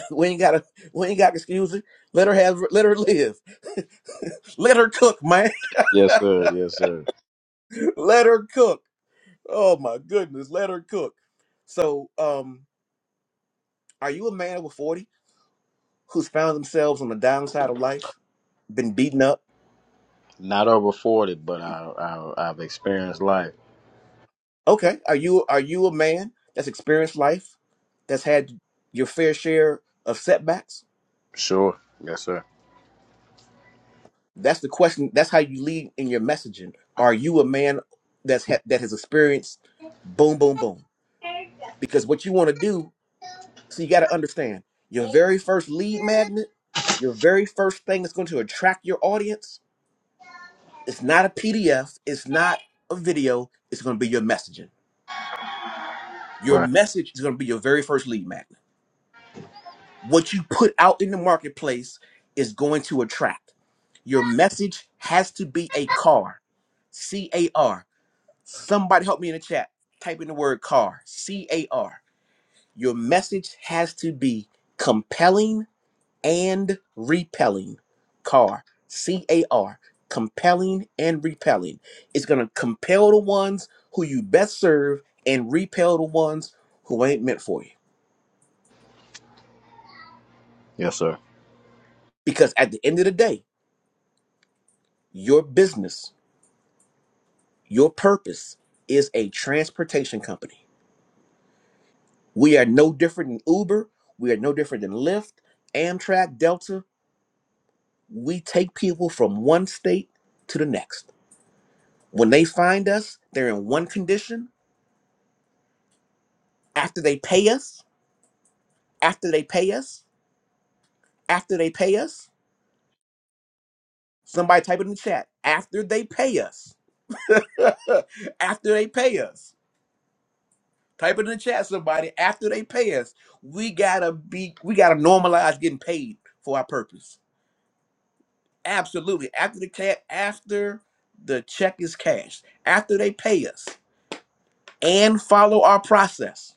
We ain't gotta we ain't gotta excuse her. Let her have let her live. Let her cook, man.
Yes, sir. Yes, sir.
Let her cook. Oh my goodness, let her cook. So, um, are you a man over 40 who's found themselves on the downside of life, been beaten up?
Not over forty, but I, I I've experienced life.
Okay, are you are you a man that's experienced life, that's had your fair share of setbacks?
Sure. Yes, sir.
That's the question. That's how you lead in your messaging. Are you a man that's ha- that has experienced boom, boom, boom? Because what you want to do, so you got to understand your very first lead magnet, your very first thing that's going to attract your audience It's not a PDF. It's not a video. It's going to be your messaging. Your
Right.
message is going to be your very first lead magnet. What you put out in the marketplace is going to attract. Your message has to be a car, C A R. Somebody help me in the chat. Type in the word car, C A R. Your message has to be compelling and repelling. Car, C A R, compelling and repelling. It's going to compel the ones who you best serve and repel the ones who ain't meant for you.
Yes, sir.
Because at the end of the day, your business, your purpose is a transportation company. We are no different than Uber. We are no different than Lyft, Amtrak, Delta. We take people from one state to the next. When they find us, they're in one condition. After they pay us, After they pay us, after they pay us, somebody type it in the chat. After they pay us, after they pay us, type it in the chat. Somebody after they pay us, we gotta be, we gotta normalize getting paid for our purpose. Absolutely. After the cat, after the check is cashed, after they pay us, and follow our process.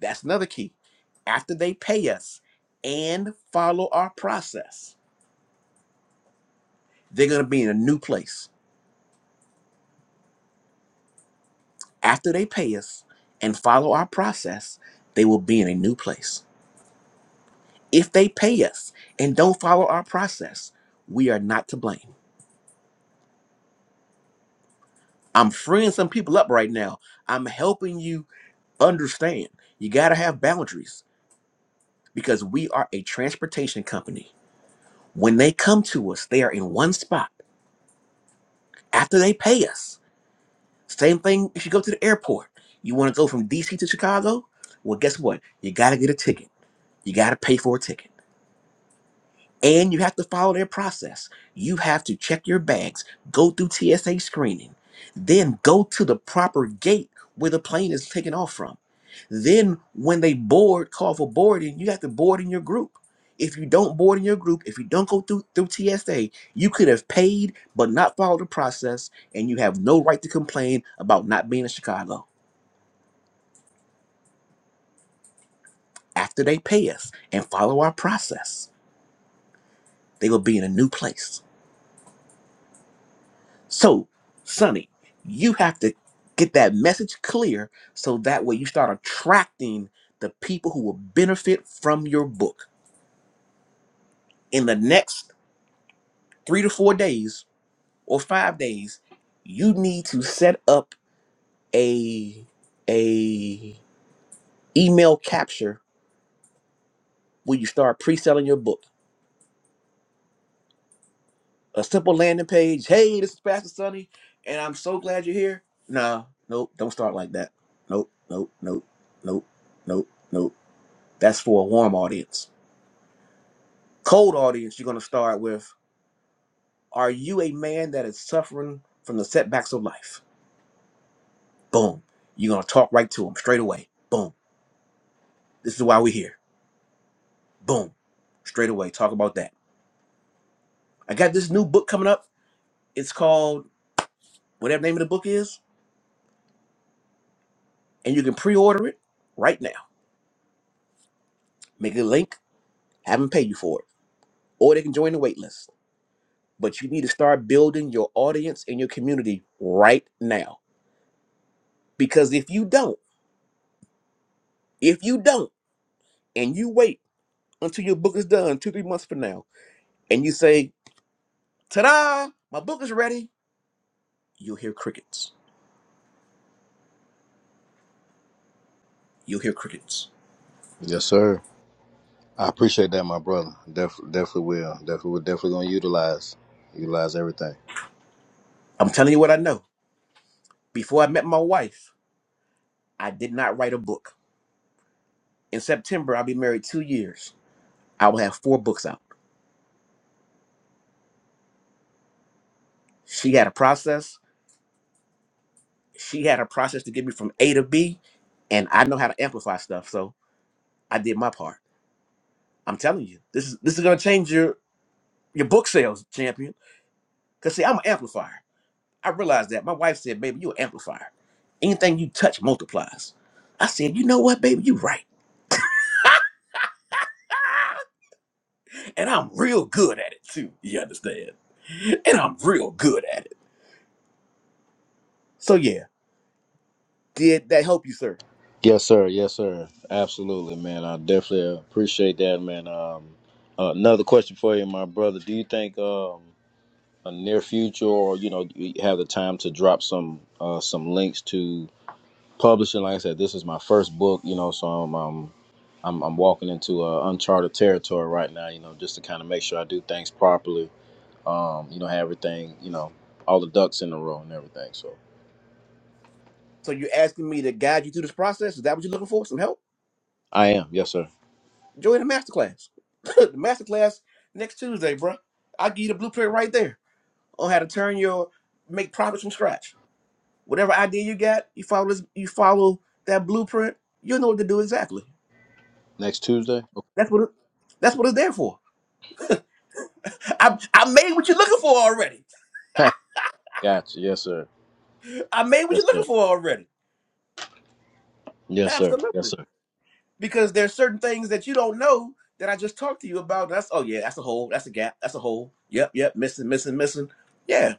That's another key. After they pay us and follow our process, they're gonna be in a new place After they pay us and follow our process, they will be in a new place. If they pay us and don't follow our process, we are not to blame. I'm freeing some people up right now. I'm helping you understand. You got to have boundaries because we are a transportation company. When they come to us, they are in one spot. After they pay us, same thing if you go to the airport. You want to go from DC to Chicago? Well, guess what? You got to get a ticket. You got to pay for a ticket. And you have to follow their process. You have to check your bags, go through TSA screening, then go to the proper gate where the plane is taking off from. Then, when they board, call for boarding, you have to board in your group. If you don't board in your group, if you don't go through, through TSA, you could have paid but not followed the process, and you have no right to complain about not being in Chicago. After they pay us and follow our process, they will be in a new place. So, Sonny, you have to get that message clear so that way you start attracting the people who will benefit from your book. In the next three to four days or five days, you need to set up a a email capture when you start pre-selling your book. A simple landing page. Hey, this is Pastor Sonny, and I'm so glad you're here. Nah, nope, don't start like that. Nope, nope, nope, nope, nope, nope. That's for a warm audience. Cold audience, you're going to start with Are you a man that is suffering from the setbacks of life? Boom. You're going to talk right to them straight away. Boom. This is why we're here. Boom. Straight away. Talk about that. I got this new book coming up. It's called whatever the name of the book is, and you can pre order it right now. Make a link, have them pay you for it, or they can join the wait list. But you need to start building your audience and your community right now. Because if you don't, if you don't, and you wait, until your book is done two, three months from now, and you say, ta da, my book is ready, you'll hear crickets. You'll hear crickets.
Yes, sir. I appreciate that, my brother. Def, definitely will. Definitely, we're definitely gonna utilize utilize everything.
I'm telling you what I know. Before I met my wife, I did not write a book. In September, I'll be married two years. I will have four books out. She had a process. She had a process to get me from A to B, and I know how to amplify stuff. So I did my part. I'm telling you, this is this is gonna change your your book sales, champion. Cause see, I'm an amplifier. I realized that. My wife said, baby, you an amplifier. Anything you touch multiplies. I said, you know what, baby, you right. And I'm real good at it too. You understand? And I'm real good at it. So yeah, did that help you, sir?
Yes, sir. Yes, sir. Absolutely, man. I definitely appreciate that, man. Um, uh, another question for you, my brother. Do you think um a near future or you know you have the time to drop some uh, some links to publishing like i said this is my first book you know so i'm um, I'm, I'm walking into uh, uncharted territory right now you know just to kind of make sure i do things properly um, you know have everything you know all the ducks in a row and everything so
So you're asking me to guide you through this process? Is that what you're looking for? Some help?
i am yes sir
Join the masterclass. the masterclass next Tuesday, bruh. I'll give you the blueprint right there on how to turn your make profits from scratch. Whatever idea you got, you follow this, you follow that blueprint, you'll know what to do exactly.
next tuesday
That's what it, that's what it's there for. I I made what you're looking for already.
okay. gotcha yes sir
I made what
yes
you're
sir
looking for already.
yes sir yes
Absolutely.
sir
Because there's certain things that you don't know that I just talked to you about. That's oh yeah, that's a hole. That's a gap. That's a hole. Yep, yep, missing, missing, missing. Yeah.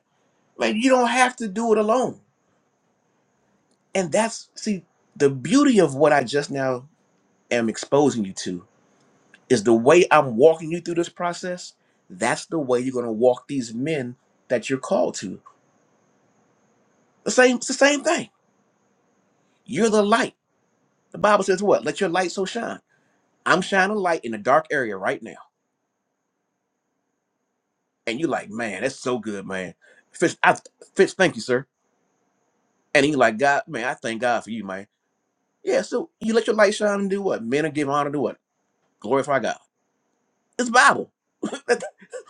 Like you don't have to do it alone. And that's see, the beauty of what I just now am exposing you to is the way I'm walking you through this process. That's the way you're gonna walk these men that you're called to. The same, it's the same thing. You're the light. The Bible says what? Let your light so shine. I'm shining light in a dark area right now. And you like, man, that's so good, man. Fitz, I, Fitz, thank you, sir. And he like, God, man, I thank God for you, man. Yeah, so you let your light shine and do what? Men are giving honor to what? Glorify God. It's Bible.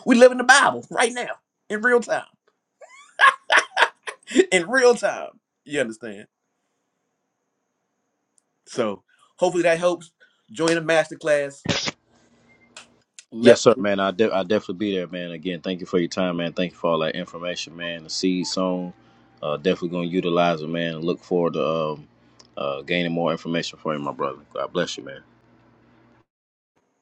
we live in the Bible right now, in real time. In real time. You understand? So hopefully that helps. Join the masterclass.
Yes,
Let
sir, man. I de- I definitely be there, man. Again, thank you for your time, man. Thank you for all that information, man. The seed song, uh, definitely gonna utilize it, man. Look forward to um, uh, gaining more information for you, my brother. God bless you, man.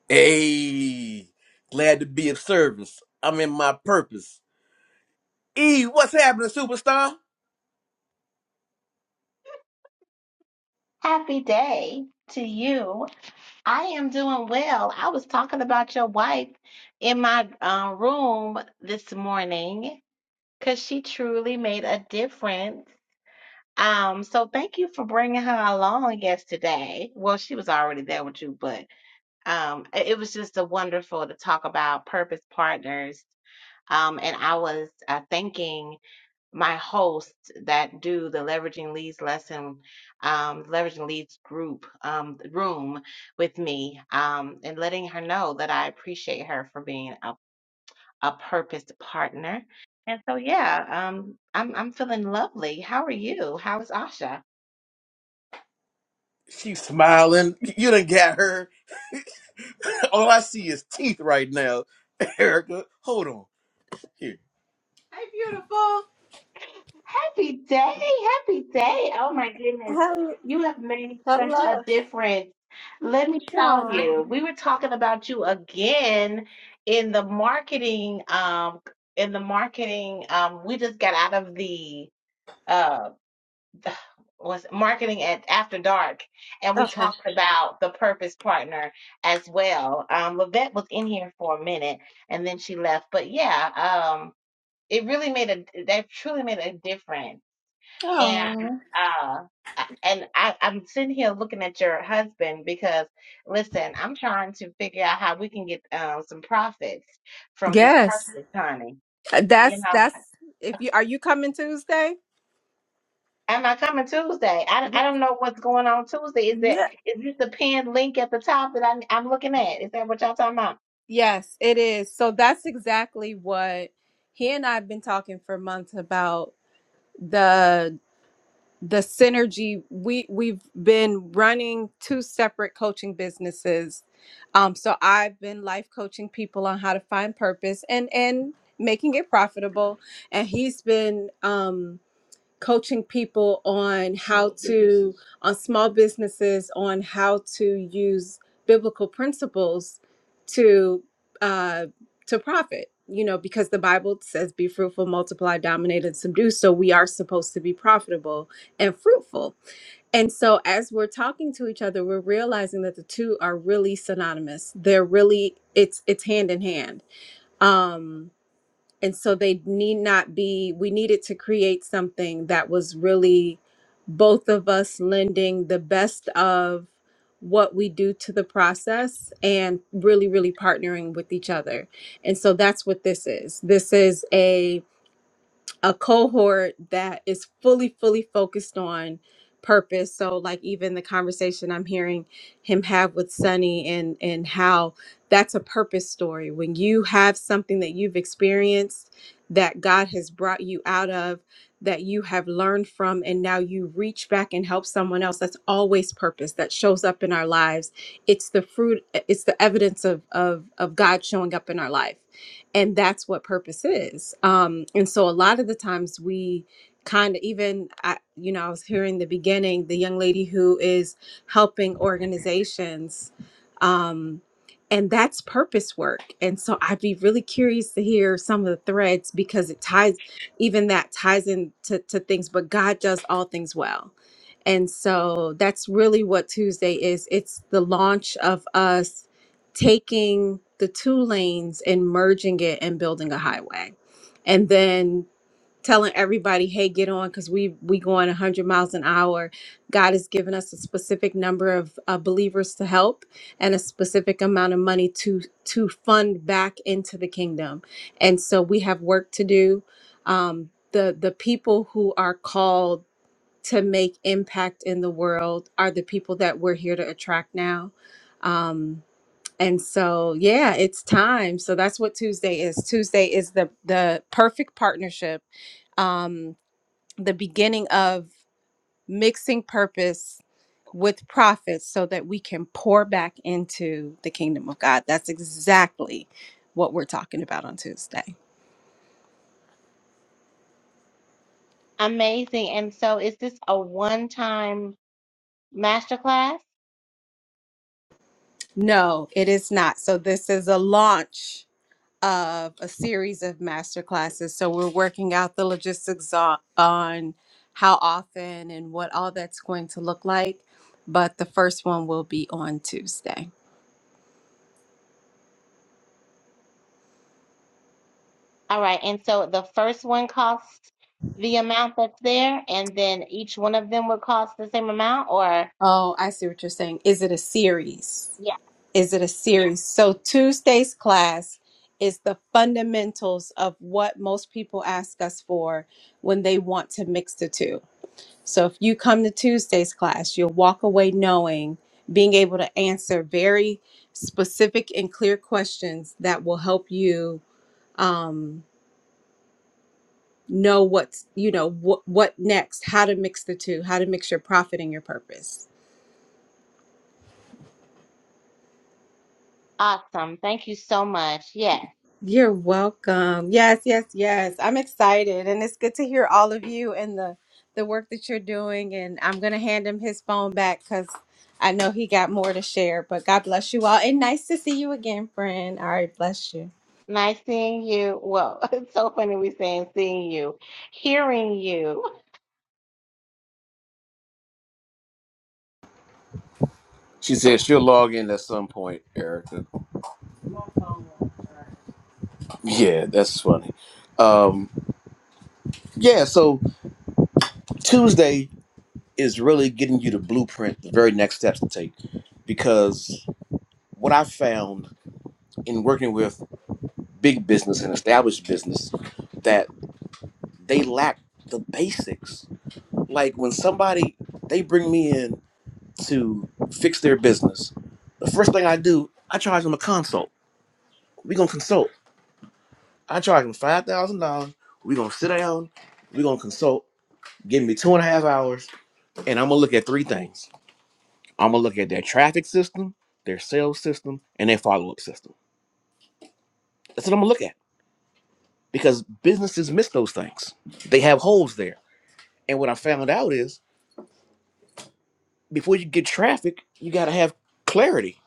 hey. Glad to be of service. I'm in my purpose. E, what's happening, superstar?
Happy day to you. I am doing well. I was talking about your wife in my uh, room this morning because she truly made a difference. Um, so thank you for bringing her along yesterday. Well, she was already there with you, but um, i- it was just a wonderful to talk about purpose partners. Um, and I was uh, thanking my hosts that do the leveraging leads lesson um, leveraging leads group um, room with me um, and letting her know that i appreciate her for being a, a purposed partner and so yeah um, I'm, I'm feeling lovely how are you how is asha
She's smiling. You done got her. All I see is teeth right now. Erica, hold on. Here. Hey, beautiful.
Happy day, happy day. Oh my goodness.
Hello.
You have made such a
Hello.
difference. Let me tell
Aw.
you, we were talking about you again in the marketing um in the marketing um we just got out of the uh the, was marketing at after dark and we
Okay.
talked about the purpose partner as well. Um Lavette was in here for a minute and then she left. But yeah, um it really made a that truly made a difference and
Aw.
uh I- and I, I'm sitting here looking at your husband because listen, I'm trying to figure out how we can get um some profits from this
Yes.
purchase, honey.
Uh,
You
That's
know,
that's if you are you coming Tuesday?
am I coming Tuesday? I,
Y-
I don't know what's going on Tuesday. Is that
Yeah.
is this the pinned link at the top that I'm I'm looking at? Is that what y'all talking about?
Yes, it is. So that's exactly what he and I have been talking for months about the synergy we we've been running two separate coaching businesses um so i've been life coaching people on how to find purpose and and making it profitable and he's been um, coaching people on how to on small businesses on how to use biblical principles to uh to profit you know because the bible says be fruitful multiply dominate and subdue so we are supposed to be profitable and fruitful and so as we're talking to each other we're realizing that the two are really synonymous they're really it's it's hand in hand um and so they need not be we needed to create something that was really both of us lending the best of what we do to the process and really really partnering with each other and so that's what this is this is a a cohort that is fully fully focused on purpose so like even the conversation i'm hearing him have with sunny and and how that's a purpose story when you have something that you've experienced that god has brought you out of that you have learned from and now you reach back and help someone else that's always purpose that shows up in our lives it's the fruit it's the evidence of of of god showing up in our life and that's what purpose is um and so a lot of the times we kind of even I, you know i was hearing the beginning the young lady who is helping organizations um and that's purpose work and so i'd be really curious to hear some of the threads because it ties even that ties into to things but god does all things well and so that's really what tuesday is it's the launch of us taking the two lanes and merging it and building a highway and then telling everybody hey get on because we we going 100 miles an hour god has given us a specific number of uh, believers to help and a specific amount of money to to fund back into the kingdom and so we have work to do um, the the people who are called to make impact in the world are the people that we're here to attract now um, and so, yeah, it's time. So that's what Tuesday is. Tuesday is the the perfect partnership, um, the beginning of mixing purpose with profits so that we can pour back into the kingdom of God. That's exactly what we're talking about on Tuesday.
Amazing. And so is this a one-time masterclass?
No, it is not. So this is a launch of a series of master classes. So we're working out the logistics on, on how often and what all that's going to look like. But the first one will be on Tuesday.
All right, and so the first one costs the amount that's there, and then each one of them would cost the same amount, or
Oh, I see what you're saying. Is it a series?
yeah,
Is it a series? So Tuesday's class is the fundamentals of what most people ask us for when they want to mix the two. So if you come to Tuesday's class, you'll walk away knowing, being able to answer very specific and clear questions that will help you um, know what's, you know, what what next, how to mix the two, how to mix your profit and your purpose.
awesome. Thank you so much. Yes,
You're welcome. Yes, yes, yes. I'm excited and it's good to hear all of you and the the work that you're doing and I'm going to hand him his phone back cuz I know he got more to share, but God bless you all and nice to see you again, friend. All right, bless you.
nice seeing you. Well, it's so funny we saying seeing you, hearing you.
She said she'll log in at some point, Erica. Yeah, that's funny. Um, yeah, so Tuesday is really getting you the blueprint, the very next steps to take. Because what I found in working with big business and established business that they lack the basics. Like when somebody they bring me in to fix their business, the first thing I do, I charge them a consult. we gonna consult. I charge them five thousand dollars. we gonna sit down, we gonna consult, give me two and a half hours, and I'm gonna look at three things. I'm gonna look at their traffic system, their sales system, and their follow-up system. That's what I'm gonna look at. Because businesses miss those things. They have holes there. And what I found out is before you get traffic, you got to have clarity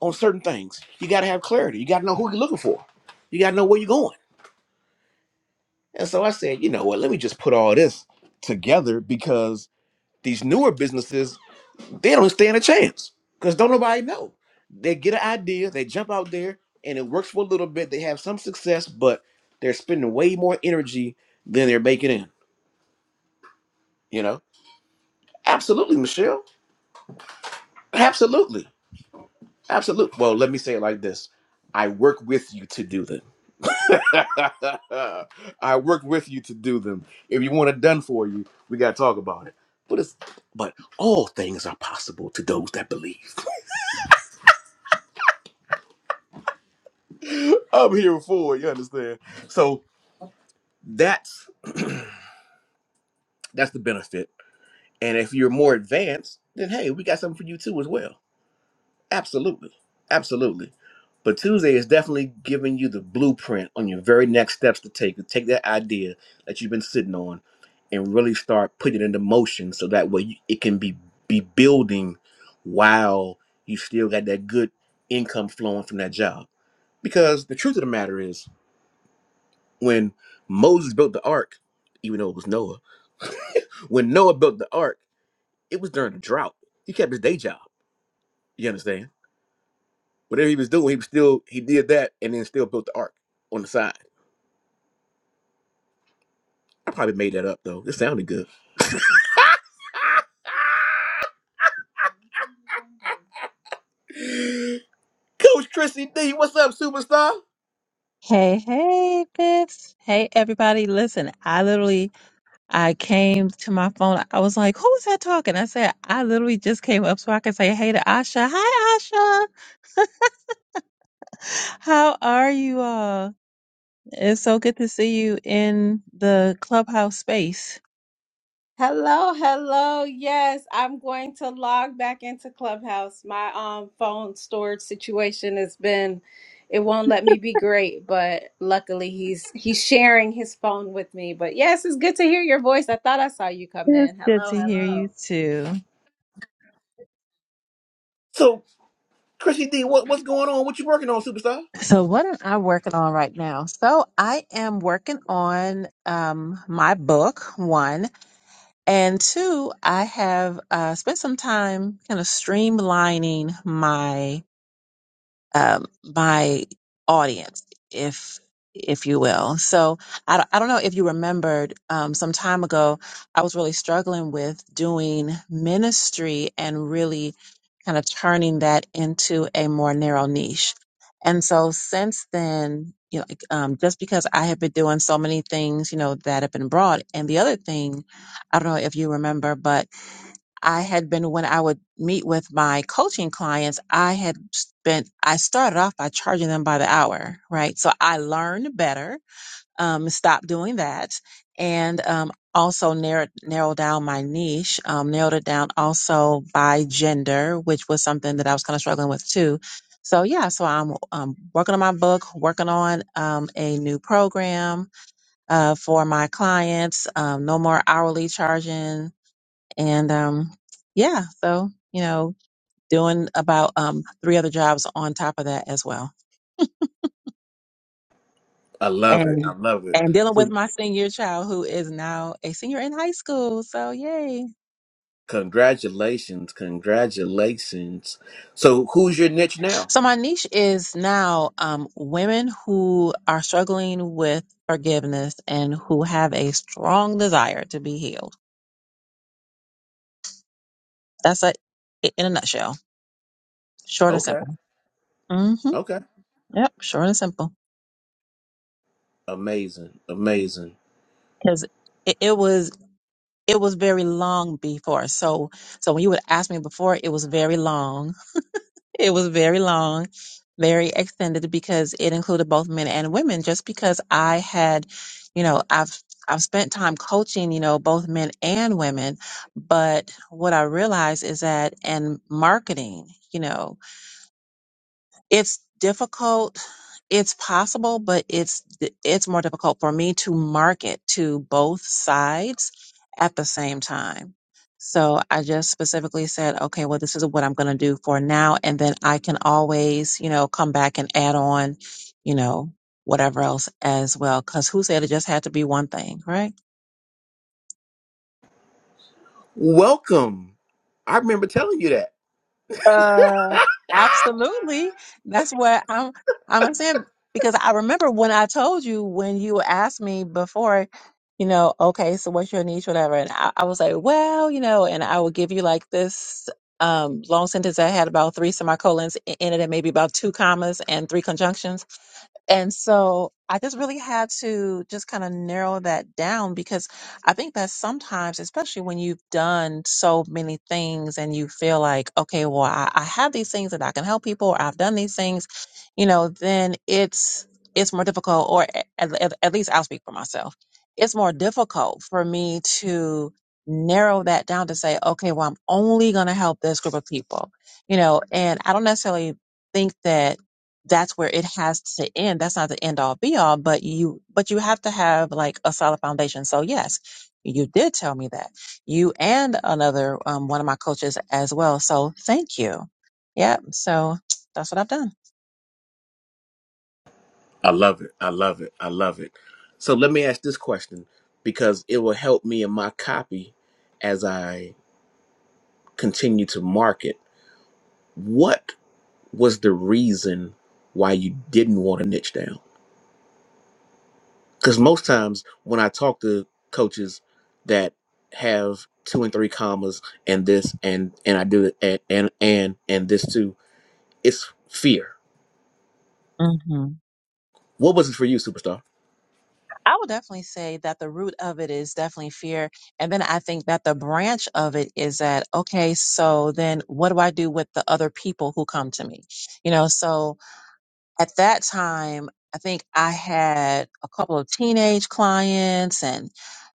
on certain things. You got to have clarity. You got to know who you're looking for. You got to know where you're going. And so I said, you know what? Let me just put all this together because these newer businesses, they don't stand a chance because don't nobody know. They get an idea, they jump out there, and it works for a little bit. They have some success, but they're spending way more energy than they're making in. You know? Absolutely, Michelle. Absolutely. Absolutely. Well, let me say it like this. I work with you to do them. I work with you to do them. If you want it done for you, we gotta talk about it. But it's but all things are possible to those that believe. I'm here for it, you understand? So that's that's the benefit. And if you're more advanced, then hey, we got something for you too as well. Absolutely. Absolutely. But Tuesday is definitely giving you the blueprint on your very next steps to take to take that idea that you've been sitting on and really start putting it into motion so that way you, it can be be building while you still got that good income flowing from that job. Because the truth of the matter is when Moses built the ark, even though it was Noah, when Noah built the ark, it was during a drought. He kept his day job. You understand? Whatever he was doing, he was still he did that and then still built the ark on the side. I probably made that up though. It sounded good. Coach Chrissy D, what's up, superstar?
Hey, hey, good. Hey, everybody. Listen, I literally, I came to my phone. I was like, who is that talking? I said, I literally just came up so I could say hey to Asha. Hi, Asha. How are you all? It's so good to see you in the clubhouse space.
Hello, hello. Yes, I'm going to log back into Clubhouse. My um phone storage situation has been it won't let me be great, but luckily he's he's sharing his phone with me. But yes, it's good to hear your voice. I thought I saw you come
It's
in.
good
Hello,
to hear you
hello.
too.
So Chrissy D, what, what's going on? What you working on, superstar?
So what am I working on right now? So I am working on um my book one. And two, I have uh, spent some time kind of streamlining my um, my audience, if if you will. So I, don't- I don't know if you remembered um, some time ago, I was really struggling with doing ministry and really kind of turning that into a more narrow niche. And so since then, you know, like, um, just because I have been doing so many things, you know, that have been broad. And the other thing, I don't know if you remember, but I had been when I would meet with my coaching clients, I had spent, I started off by charging them by the hour, right? So I learned better, um, stopped doing that, and um, also narrowed, narrowed down my niche, um, narrowed it down also by gender, which was something that I was kind of struggling with too. So yeah, so I'm um, working on my book, working on um, a new program uh, for my clients. Um, no more hourly charging and um yeah so you know doing about um three other jobs on top of that as well
I love it.
and
I love it.
and dealing with
So
my senior child who is now a senior in high school so yay
congratulations, congratulations. So who's your niche now?
so my niche is now um women who are struggling with forgiveness and who have a strong desire to be healed that's it in a nutshell short and
Okay.
simple hmm
Okay.
yep short and simple
Amazing. Amazing.
because it, it was it was very long before. So, so when you would ask me before, it was very long. It was very long, very extended because it included both men and women. Just because I had, you know, I've I've spent time coaching, you know, both men and women, but what I realized is that in marketing, you know, it's difficult. It's possible, but it's it's more difficult for me to market to both sides at the same time. So I just specifically said, okay, well, this is what I'm going to do for now, and then I can always, you know, come back and add on, you know, whatever else as well. Because who said it just had to be one thing, right?
Welcome. I remember telling you that.
Uh, absolutely. That's what I'm. I'm saying because I remember when I told you when you asked me before, you know, okay, so what's your niche, whatever, and I, I was like, well, you know, and I would give you like this um long sentence that had about three semicolons i- in it and maybe about two commas and three conjunctions. And so I just really had to just kind of narrow that down because I think that sometimes, especially when you've done so many things and you feel like, okay, well, I, I have these things that I can help people, or I've done these things, you know, then it's it's more difficult, or a- at, at, at least I'll speak for myself. It's more difficult for me to narrow that down to say, okay, well, I'm only going to help this group of people, you know, and I don't necessarily think that that's where it has to end. That's not the end all be all, but you but you have to have like a solid foundation. So yes, you did tell me that. You and another um, one of my coaches as well. So thank you. Yep. So that's what I've done.
I love it. I love it. I love it. So let me ask this question because it will help me in my copy as I continue to market. What was the reason why you didn't want to niche down? because most times when I talk to coaches that have two and three commas and this and and I do it and and and, and this too, it's fear.
hmm
What was it for you, superstar?
I would definitely say that the root of it is definitely fear, and then I think that the branch of it is that okay. So then, what do I do with the other people who come to me? You know, so at that time, I think I had a couple of teenage clients and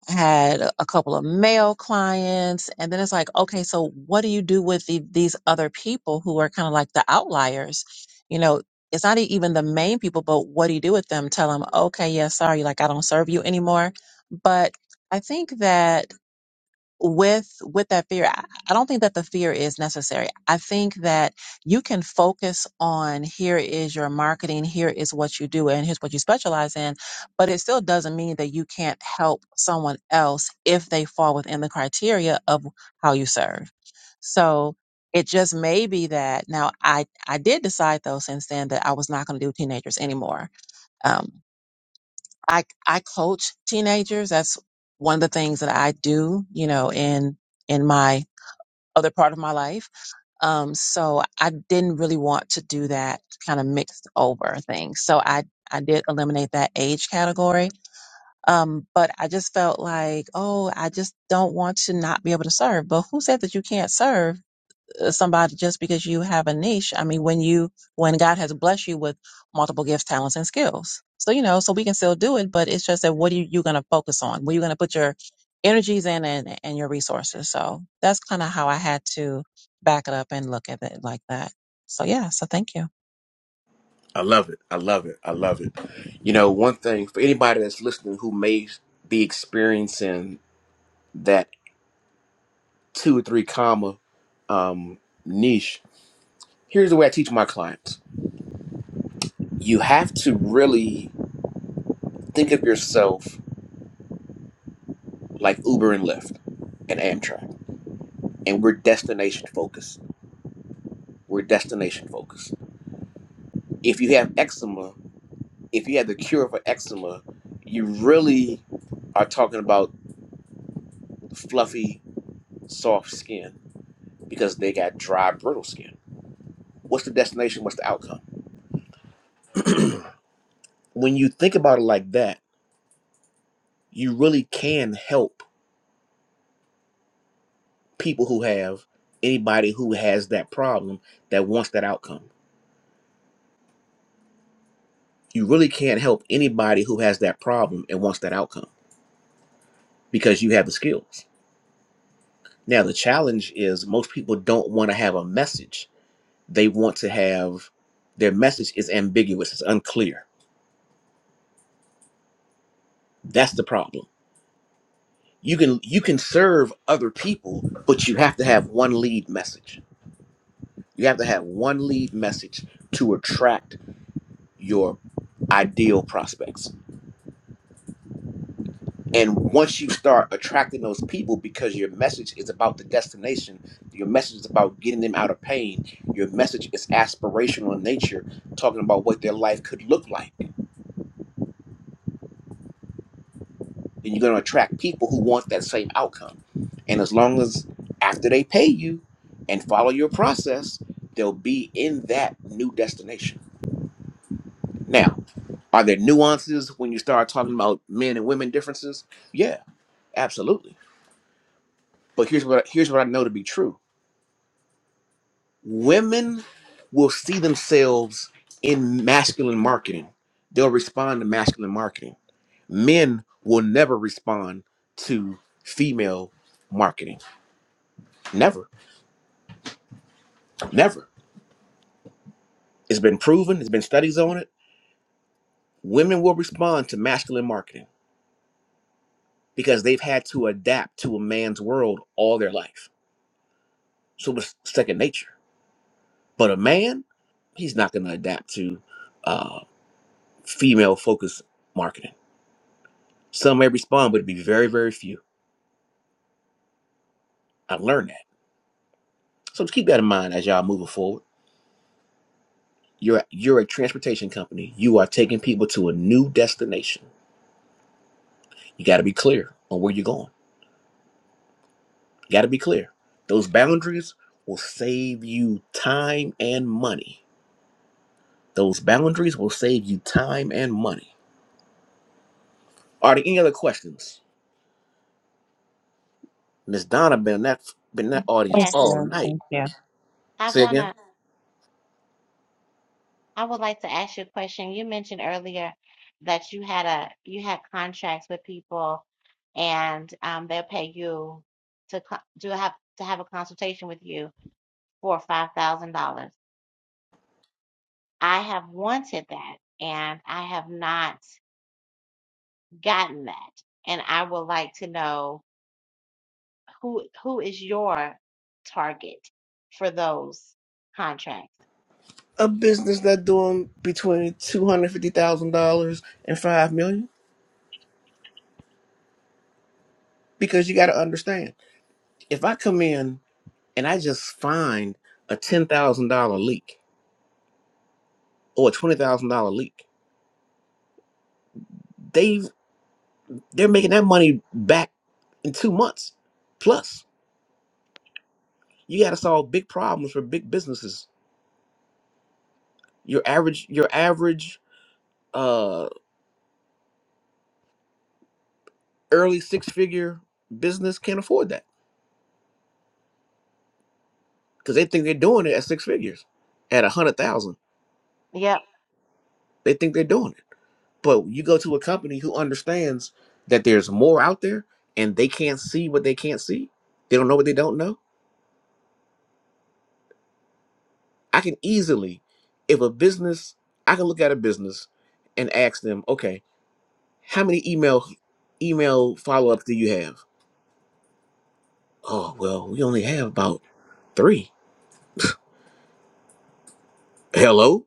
I had a a couple of male clients. And then it's like, okay, so what do you do with the, these other people who are kind of like the outliers? You know, it's not e- even the main people, but what do you do with them? Tell them, okay, yeah, sorry, like I don't serve you anymore. But I think that with with that fear I, I don't think that the fear is necessary i think that you can focus on here is your marketing here is what you do and here's what you specialize in but it still doesn't mean that you can't help someone else if they fall within the criteria of how you serve so it just may be that now i i did decide though since then that i was not going to do teenagers anymore um i i coach teenagers that's one of the things that i do you know in in my other part of my life. Um, so I didn't really want to do that kind of mixed over thing. So I, I did eliminate that age category. Um, but I just felt like, oh, I just don't want to not be able to serve. But who said that you can't serve? somebody just because you have a niche. I mean, when you when God has blessed you with multiple gifts, talents, and skills, so you know, so we can still do it. But it's just that what are you, you going to focus on? Where you going to put your energies in and and your resources? So that's kind of how I had to back it up and look at it like that. So yeah, so thank you.
I love it. I love it. I love it. You know, one thing for anybody that's listening who may be experiencing that. two or three comma um, niche. Here's the way I teach my clients: you have to really think of yourself like Uber and Lyft and Amtrak, and we're destination focused. We're destination focused. If you have eczema, if you have the cure for eczema, you really are talking about fluffy, soft skin because they got dry, brittle skin. What's the destination? What's the outcome? When you think about it like that, you really can help people who have anybody who has that problem that wants that outcome. You really can't help anybody who has that problem and wants that outcome because you have the skills. Now, the challenge is most people don't want to have a message. They want to have their message is ambiguous, it's unclear. That's the problem. You can you can serve other people, but you have to have one lead message. You have to have one lead message to attract your ideal prospects And once you start attracting those people because your message is about the destination, your message is about getting them out of pain, your message is aspirational in nature, talking about what their life could look like, then you're going to attract people who want that same outcome. And as long as after they pay you and follow your process, they'll be in that new destination. Now, are there nuances when you start talking about men and women differences? Yeah, absolutely. But here's what here's what I know to be true women will see themselves in masculine marketing. They'll respond to masculine marketing. Men will never respond to female marketing. Never, never. It's been proven, there's been studies on it. Women will respond to masculine marketing because they've had to adapt to a man's world all their life. So it's second nature. But a man, he's not going to adapt to uh, female focused marketing. Some may respond, but it'd be very, very few I learned that. So just keep that in mind as y'all moving forward. You're you're a transportation company. You are taking people to a new destination. You got to be clear on where you're going. You got to be clear. Those boundaries will save you time and money. Those boundaries will save you time and money. Are there any other questions? Miss Donna been in that been in that audience
Thanks,
Yes,
all
Sarah.
night.
Thank you.
I
Say again.
wanna. I would like to ask you a question. You mentioned earlier that you had a you had contracts with people, and um, they'll pay you to co- to have to have a consultation with you for five thousand dollars. I have wanted that and I have not gotten that. And I would like to know who who is your target for those contracts.
a business that doing between two hundred fifty thousand dollars and five million? Because you got to understand, if I come in and I just find a ten thousand dollar leak or a twenty thousand dollar leak, they they're making that money back in two months. Plus, you got to solve big problems for big businesses. Your average your average uh, early six figure business can't afford that because they think they're doing it at six figures, at a hundred thousand.
Yep.
They think they're doing it But you go to a company who understands that there's more out there and they can't see what they can't see. They don't know what they don't know. I can easily, if a business, I can look at a business and ask them, okay, how many email email follow-ups do you have? Oh, well, we only have about three. Hello?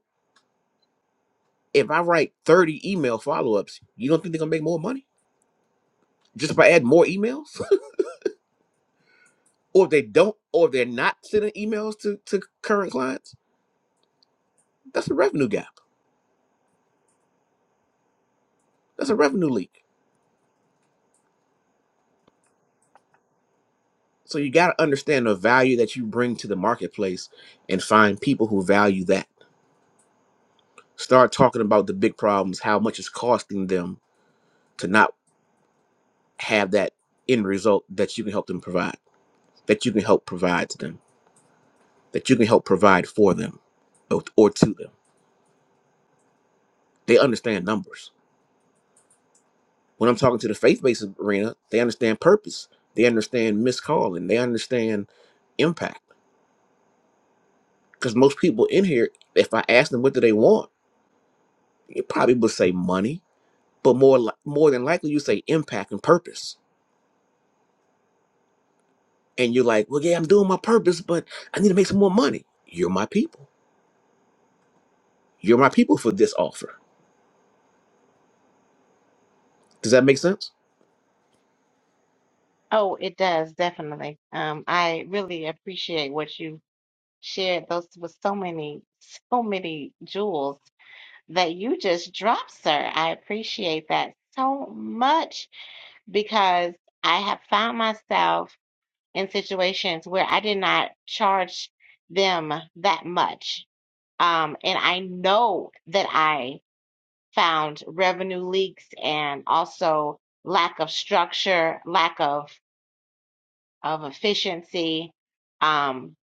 If I write 30 email follow-ups, you don't think they're gonna make more money? Just by adding more emails? or if they don't, or if they're not sending emails to, to current clients, that's the revenue guy. That's a revenue leak. So you got to understand the value that you bring to the marketplace and find people who value that. Start talking about the big problems, how much it's costing them to not have that end result that you can help them provide, that you can help provide to them, that you can help provide for them or, or to them. They understand numbers. When I'm talking to the faith based arena, they understand purpose, they understand missed call, and they understand impact. Because most people in here, if I ask them what do they want, it probably would say money but more li- more than likely you say impact and purpose and you're like well yeah i'm doing my purpose but i need to make some more money you're my people you're my people for this offer does that make sense
Oh, it does definitely. Um, I really appreciate what you shared. Those with so many, so many jewels that you just dropped, sir. I appreciate that so much because I have found myself. in situations where I did not charge them that much. Um, and I know that I found revenue leaks and also lack of structure, lack of, of efficiency, um,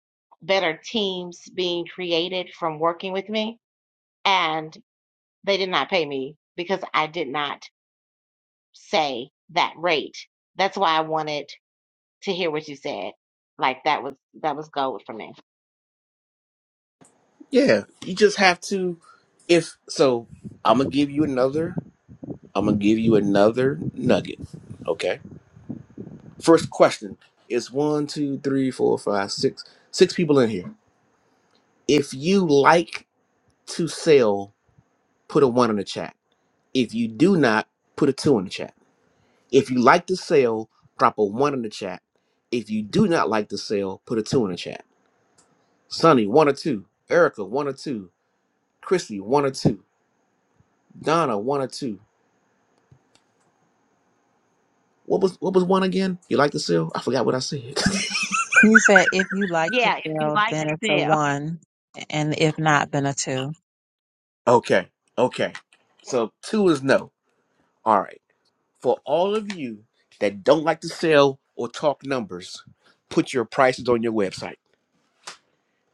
better teams being created from working with me. And they did not pay me because I did not say that rate. That's why I wanted to hear what you said. Like that was that was gold for me.
yeah you just have to if so i'm gonna give you another I'm gonna give you another nugget. Okay. First question is one, two, three, four, five, six, six people in here. If you like to sell, put a one in the chat. If you do not, put a two in the chat. If you like to sell, drop a one in the chat. If you do not like to sell, put a two in the chat. Sonny, one or two. Erica, one or two. Chrissy, one or two. Donna, one or two. What was what was one again? You like to sell? I forgot what I said.
You said if you like to
Yeah, if you'd
fail,
like to
then it's a
sell.
one, and if not, then a two.
Okay. Okay. So two is no. All right. For all of you that don't like to sell or talk numbers, put your prices on your website.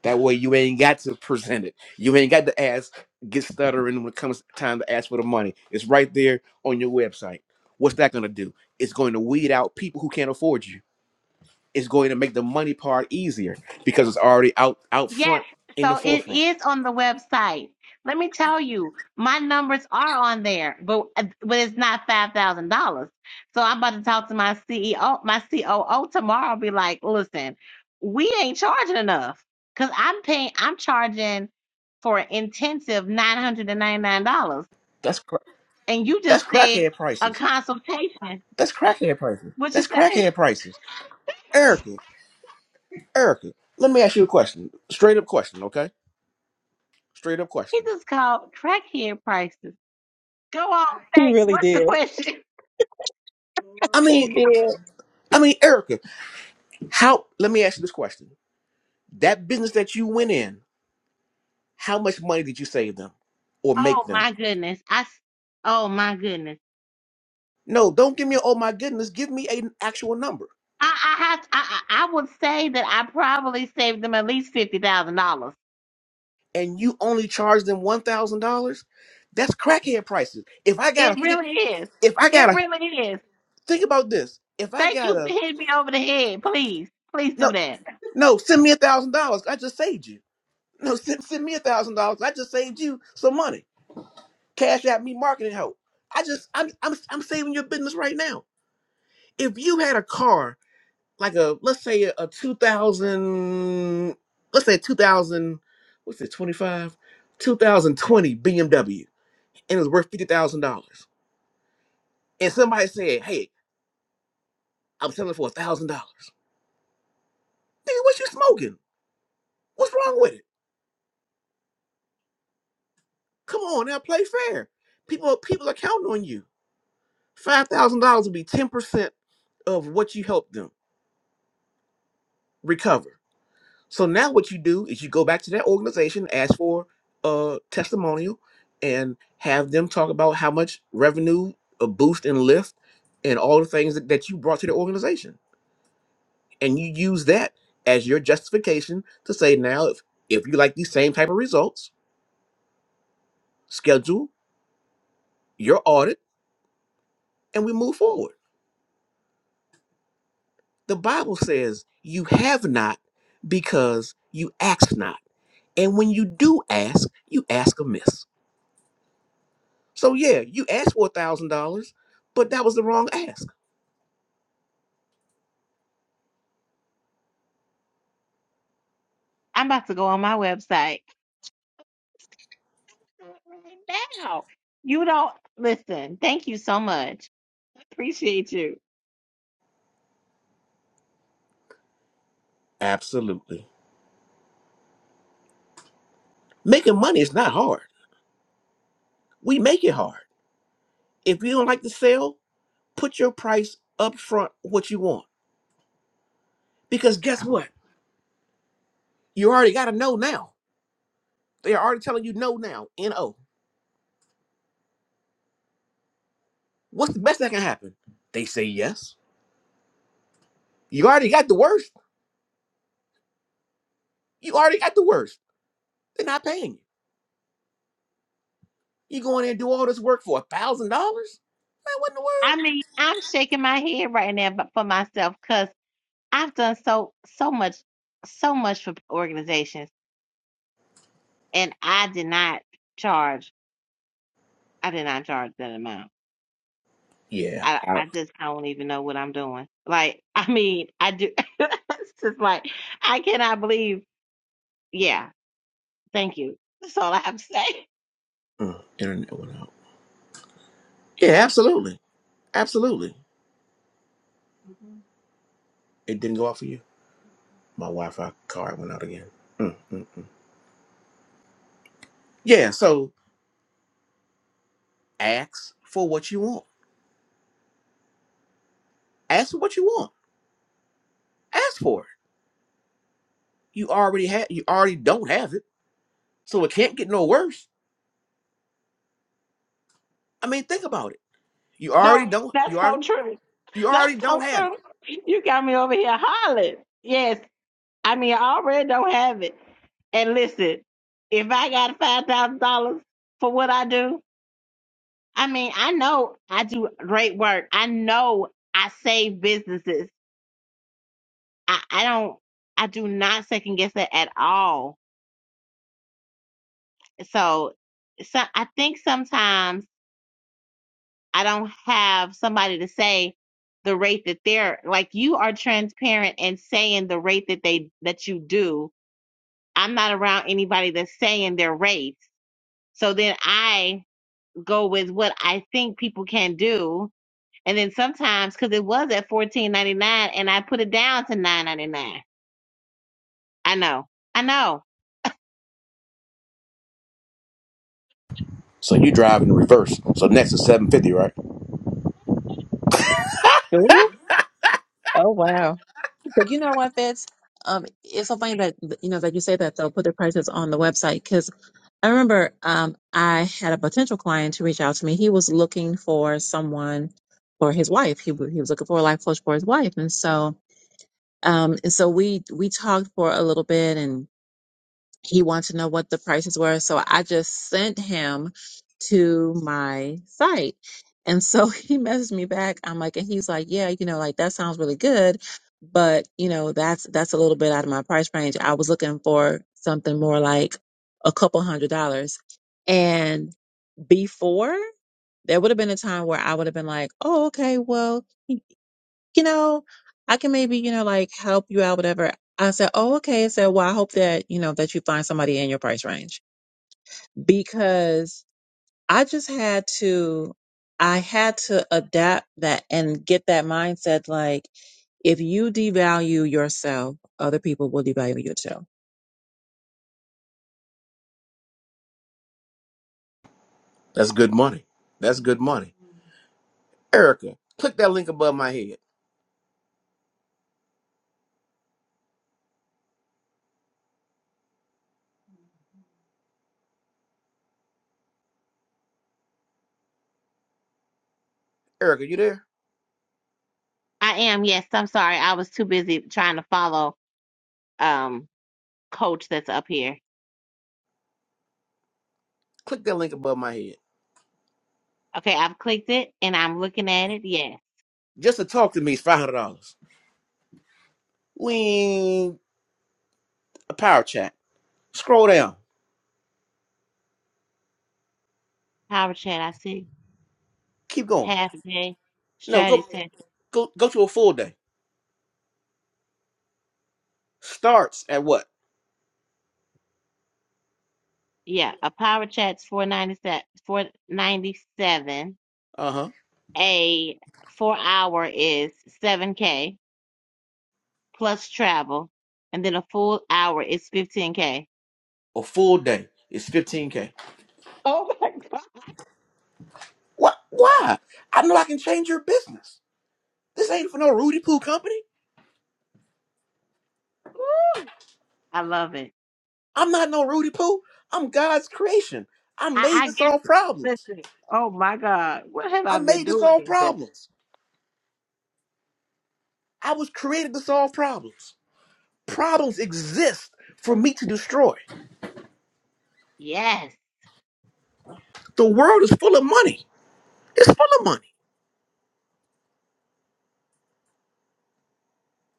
That way you ain't got to present it. You ain't got to ask, get stuttering when it comes time to ask for the money. It's right there on your website. What's that gonna do? It's going to weed out people who can't afford you. It's going to make the money part easier because it's already out out
Yes,
front in the
so it
forefront.
is on the website. Let me tell you, my numbers are on there, but uh, but it's not five thousand dollars. So I'm about to talk to my CEO, my COO tomorrow. Be like, listen, we ain't charging enough because I'm paying. I'm charging for an intensive nine hundred and ninety nine dollars,
That's cra-
and you
that's
just said
crackhead
a
prices.
consultation.
That's crackhead prices.
What you
That's
say?
crackhead prices. Erica, Erica, let me ask you a question. Straight up question, okay? Straight up
He
question.
just called crackhead prices. Go on,
He
say
really
what's the
did.
question?
I mean, I mean, Erica, how? Let me ask you this question. That business that you went in, how much money did you save them, or make
Oh
them?
my goodness. I s- oh my goodness.
No, don't give me. a, Oh my goodness, give me an actual number.
I, I have I, I I would say that I probably saved them at least fifty thousand dollars.
And you only charge them one thousand dollars. That's crackhead prices. If I got to,
It
figure,
really is.
if I got
It
to
really is.
think about this. If I
Thank
got
you for
to,
hitting me over the head. Please, please
no,
do that.
no, send me a thousand dollars. I just saved you. No, send, send me a thousand dollars. I just saved you some money. Cash out me marketing help. I just I'm I'm I'm saving your business right now. If you had a car like a let's say a, a two thousand let's say two thousand what's it twenty five two thousand twenty BMW and it was worth fifty thousand dollars and somebody said hey I'm selling for a thousand dollars nigga what you smoking what's wrong with it come on now play fair people people are counting on you Five thousand dollars would be ten percent of what you helped them recover. So now what you do is you go back to that organization, ask for a testimonial, and have them talk about how much revenue, a boost and lift, and all the things that, that you brought to the organization. And you use that as your justification to say now if if you like these same type of results, schedule your audit and we move forward. The Bible says you have not because you ask not. And when you do ask, you ask amiss. So yeah, you asked for a thousand dollars, but that was the wrong ask.
I'm about to go on my website right now. You don't listen. Thank you so much. Appreciate you.
Absolutely. Making money is not hard. We make it hard. If you don't like the sale, put your price up front what you want. Because guess what? You already gotta know now. They are already telling you no now. N-O. What's the best that can happen? They say yes. You already got the worst. You already got the worst. They're not paying you. You go in there and do all this work for a thousand dollars? Man, what in the world?
I mean, I'm shaking my head right now but for myself because I've done so so much so much for organizations And I did not charge. I did not charge that amount.
Yeah.
I I just I don't even know what I'm doing. Like I mean I do. it's just like I cannot believe. Yeah, thank you. That's all I have to say.
Uh, internet went out. Yeah, absolutely. Absolutely. It didn't go out for you. My Wi Fi card went out again. Mm, mm, mm. Yeah, so ask for what you want. Ask for what you want. Ask for it. You already have you already don't have it. So it can't get no worse. I mean, think about it. You already
No,
don't you
that's
already.
so true.
You
That's
already don't
so
have it.
true. You got me over here hollering. Yes, I mean I already don't have it. And listen, if I got five thousand dollars for what I do, I mean, I know I do great work. I know I save businesses. I, I don't, I do not second guess it at all. So, so I think sometimes I don't have somebody to say the rate that they're like you are transparent and saying the rate that they that you do. I'm not around anybody that's saying their rates. So then I go with what I think people can do And then sometimes, because it was at fourteen ninety nine, and I put it down to nine ninety nine. I know, I know,
So you drive in reverse. So next is 750, right?
Oh wow. But you know what, Fitz? Um, it's so funny that you know that you say that they'll put the prices on the website because I remember um, I had a potential client to reach out to me. He was looking for someone for his wife. He w- he was looking for a life coach for his wife, and so um, and so we we talked for a little bit, he wanted to know what the prices were. So I just sent him to my site. And so he messaged me back. I'm like, and he's like, yeah, you know, like that sounds really good, but you know, that's that's a little bit out of my price range. I was looking for something more like a couple hundred dollars. And before there would have been a time where I would have been like, oh, okay, well, you know, I can maybe, you know, like help you out, whatever. I said, oh, okay. I said, well, I hope that, you know, that you find somebody in your price range because I just had to, I had to adapt that and get that mindset. Like, if you devalue yourself, other people will devalue you too.
That's good money. That's good money. Erica, click that link above my head. Erica, you there?
I am. Yes, I'm sorry. I was too busy trying to follow um coach that's up here.
Click that link above my head.
Okay, I've clicked it and I'm looking at it. Yes,
Just to talk to me is five hundred dollars. We ain't a power chat. Scroll down.
power chat. I see
Keep going.
half day
No,
strategy
go
session.
go go to a full day. Starts at what?
Yeah, a power chat's four ninety seven. Four ninety seven.
Uh huh.
A four hour is seven k plus travel, and then a full hour is fifteen k.
A full day is fifteen k.
Oh my God.
What? Why? I know I can change your business. This ain't for no Rudy Poo company.
Woo! I love it.
I'm not no Rudy Poo. I'm God's creation. I
I,
made
I
to
guess,
solve problems.
listen, oh my God, what have
I
I been
made to
doing
solve
these days?
problems. I was created to solve problems. Problems exist for me to destroy.
Yes.
The world is full of money. It's full of money.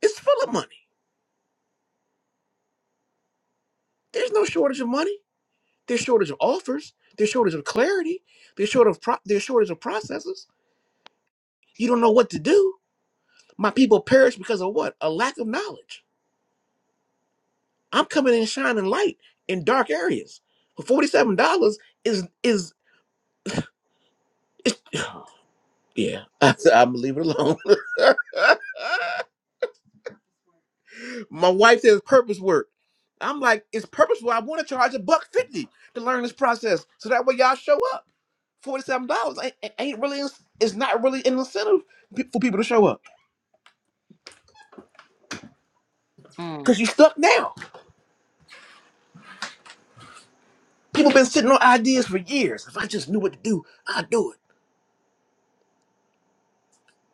It's full of money. There's no shortage of money. There's shortage of offers. There's shortage of clarity. There's shortage of pro- there's shortage of processes. You don't know what to do. My people perish because of what? A lack of knowledge. I'm coming in shining light in dark areas. For forty seven dollars is is is yeah. I, I'm leave it alone. My wife says purpose work. I'm like it's purposeful. I want to charge a buck fifty to learn this process so that way y'all show up. Forty seven dollars ain't, ain't really it's not really an incentive pe- for people to show up.
Mm.
Because you stuck now. People been sitting on ideas for years. If I just knew what to do, I'd do it.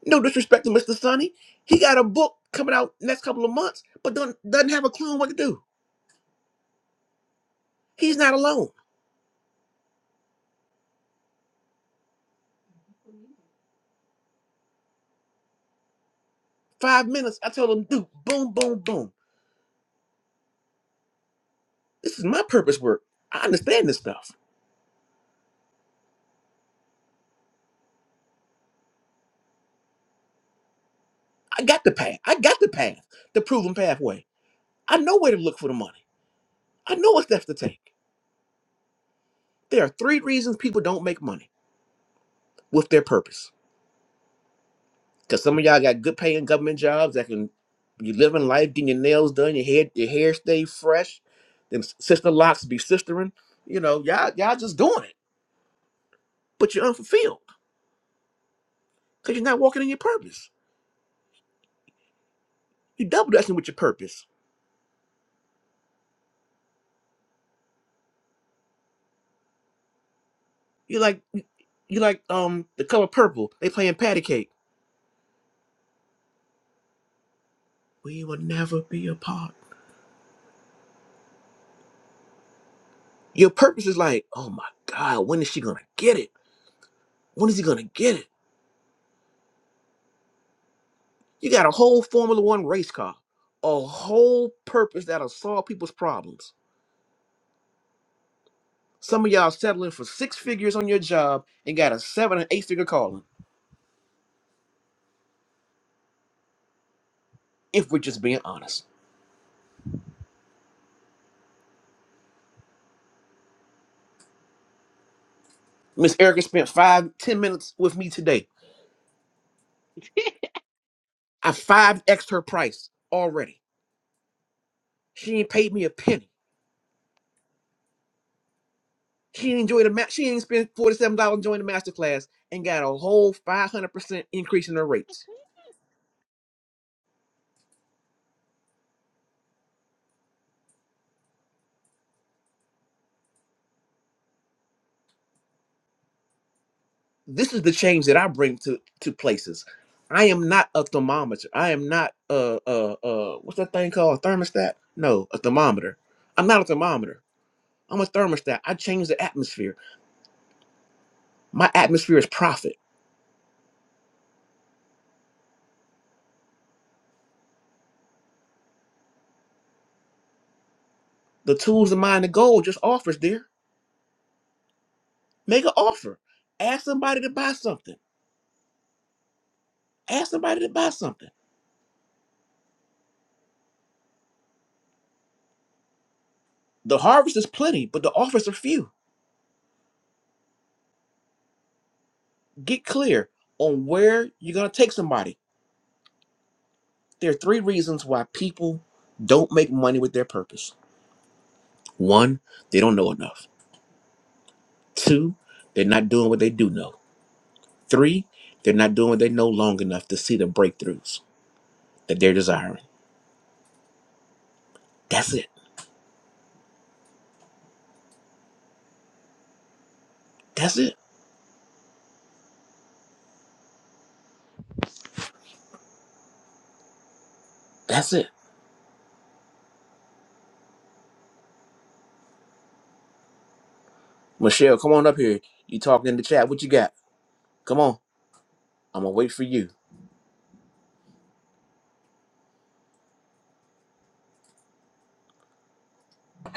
No disrespect to Mr. Sonny. He got a book coming out next couple of months, but don't, doesn't have a clue on what to do. He's not alone. Five minutes, I told him, dude, boom, boom, boom. This is my purpose work. I understand this stuff. I got the path. I got the path, the proven pathway. I know where to look for the money. I know what steps to take. There are three reasons people don't make money with their purpose. Cause some of y'all got good paying government jobs that can you living life, getting your nails done, your hair, your hair stay fresh, then sister locks be sistering. You know, y'all y'all just doing it, but you're unfulfilled because you're not walking in your purpose. You double dutching with your purpose. You like you like um the color purple. They playing patty cake. We will never be apart. Your purpose is like, oh my god, when is she gonna get it? When is he gonna get it? You got a whole Formula One race car, a whole purpose that'll solve people's problems Some of y'all settling for six figures on your job and got a seven and eight figure calling, if we're just being honest. Miss Erica spent five, ten minutes with me today. I five X'd her price already. She ain't paid me a penny. She ain't enjoyed a ma- she ain't spent $47 enjoying the masterclass and got a whole 500% increase in her rates. this is the change that I bring to to places. I am not a thermometer. I am not uh uh uh what's that thing called? A thermostat? No, a thermometer. I'm not a thermometer. I'm a thermostat. I change the atmosphere. My atmosphere is profit. The tools of mine, the goal, just offers, dear. Make an offer. Ask somebody to buy something. Ask somebody to buy something. The harvest is plenty, but the offers are few. Get clear on where you're gonna take somebody. There are three reasons why people don't make money with their purpose One, they don't know enough. Two, they're not doing what they do know. Three, they're not doing what they know long enough to see the breakthroughs that they're desiring. That's it. That's it. That's it. Michelle, come on up here. You talking in the chat. What you got? Come on. I'm going to wait for you.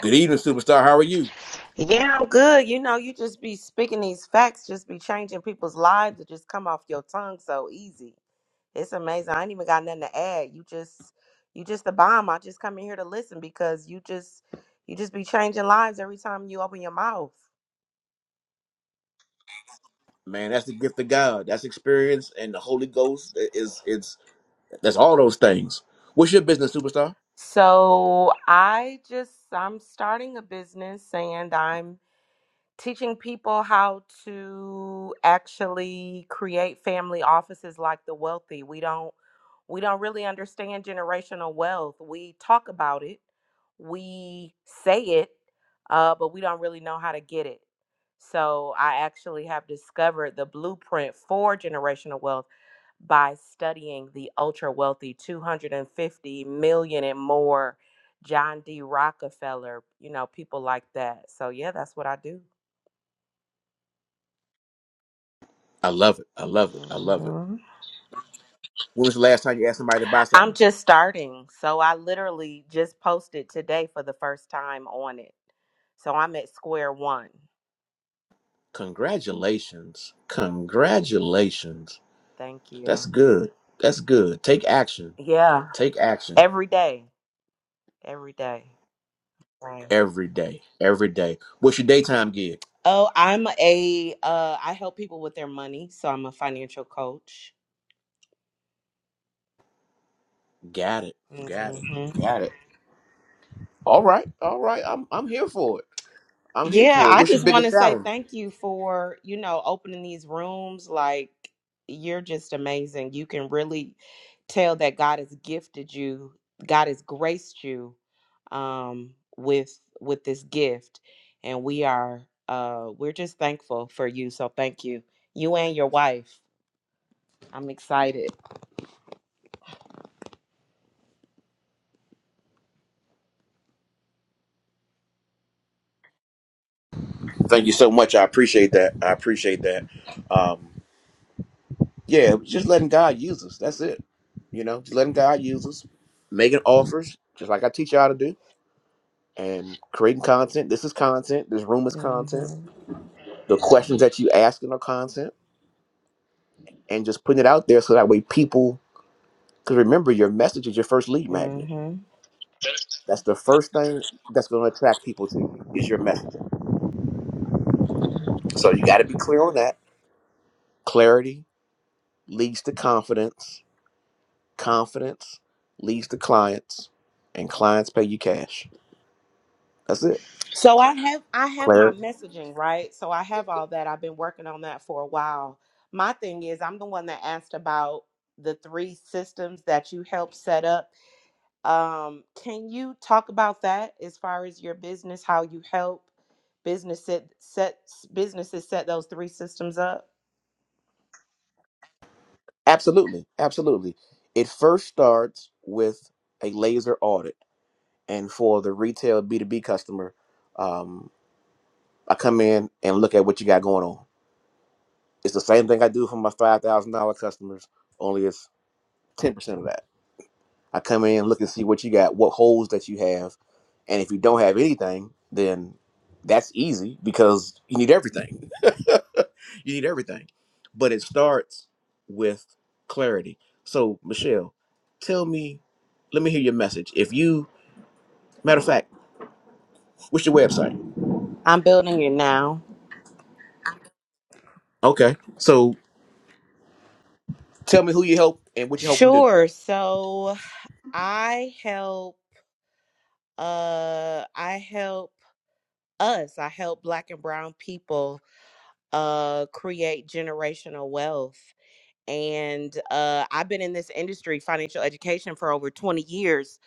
Good evening, superstar. How are you?
Yeah, I'm good. You know, you just be speaking these facts, just be changing people's lives. It just come off your tongue so easy. It's amazing. I ain't even got nothing to add. You just, you just the bomb. I just come in here to listen because you just, you just be changing lives every time you open your mouth.
Man, that's the gift of God. That's experience and the Holy Ghost i- is it's that's all those things. What's your business, superstar?
So I just, I'm starting a business, and I'm teaching people how to actually create family offices like the wealthy. We don't we don't really understand generational wealth. We talk about it, we say it, uh, but we don't really know how to get it. So I actually have discovered the blueprint for generational wealth by studying the ultra wealthy 250 million and more John D. Rockefeller, you know, people like that. So yeah, that's what I do.
I love it. I love it. I love it.
hmm
When was the last time you asked somebody to buy
I'm
something?
just starting. So I literally just posted today for the first time on it. So I'm at square one.
Congratulations. Congratulations.
Thank you.
That's good. That's good. Take action.
Yeah.
Take action.
Every day. Every day. Right.
Every day. Every day. What's your daytime gig?
Oh, I'm a uh I help people with their money, so I'm a financial coach.
Got it. Got it. Got it. All right. All right. I'm I'm here for it. I'm here
Yeah,
for it.
I
What's your
just want
biggest
to say
challenge?
thank you for, you know, opening these rooms. Like, you're just amazing. You can really tell that God has gifted you, God has graced you um with with this gift. And we are uh we're just thankful for you. So thank you. You and your wife. I'm excited.
Thank you so much. I appreciate that. I appreciate that. Um, yeah, just letting God use us. That's it. You know, just letting God use us, making offers, just like I teach y'all to do, and creating content. This is content. This room is content.
Mhm.
The questions that you asking are content, and just putting it out there so that way people. Because remember, your message is your first lead magnet
Mhm.
That's the first thing that's going to attract people to you is your messaging. So you got to be clear on that. Clarity leads to confidence. Confidence leads to clients, and clients pay you cash. That's it.
So I have I have my
Clarity.
messaging, right? So I have all that. I've been working on that for a while. My thing is I'm the one that asked about the three systems that you helped set up. Um, can you talk about that as far as your business, how you help business set, set businesses set those three systems up?
Absolutely, absolutely. It first starts with a laser audit, and for the retail B two B customer, um, I come in and look at what you got going on. It's the same thing I do for my five thousand dollar customers, only it's ten percent of that. I come in and look and see what you got, what holes that you have, and if you don't have anything, then that's easy because you need everything. you need everything, but it starts with clarity. So Michelle, tell me, let me hear your message. If you, matter of fact, what's your website?
I'm building it now.
Okay. So tell me who you help and what you help them do.
Sure. So I help uh I help us. I help black and brown people uh, create generational wealth. And uh, I've been in this industry, financial education, for over 20 years.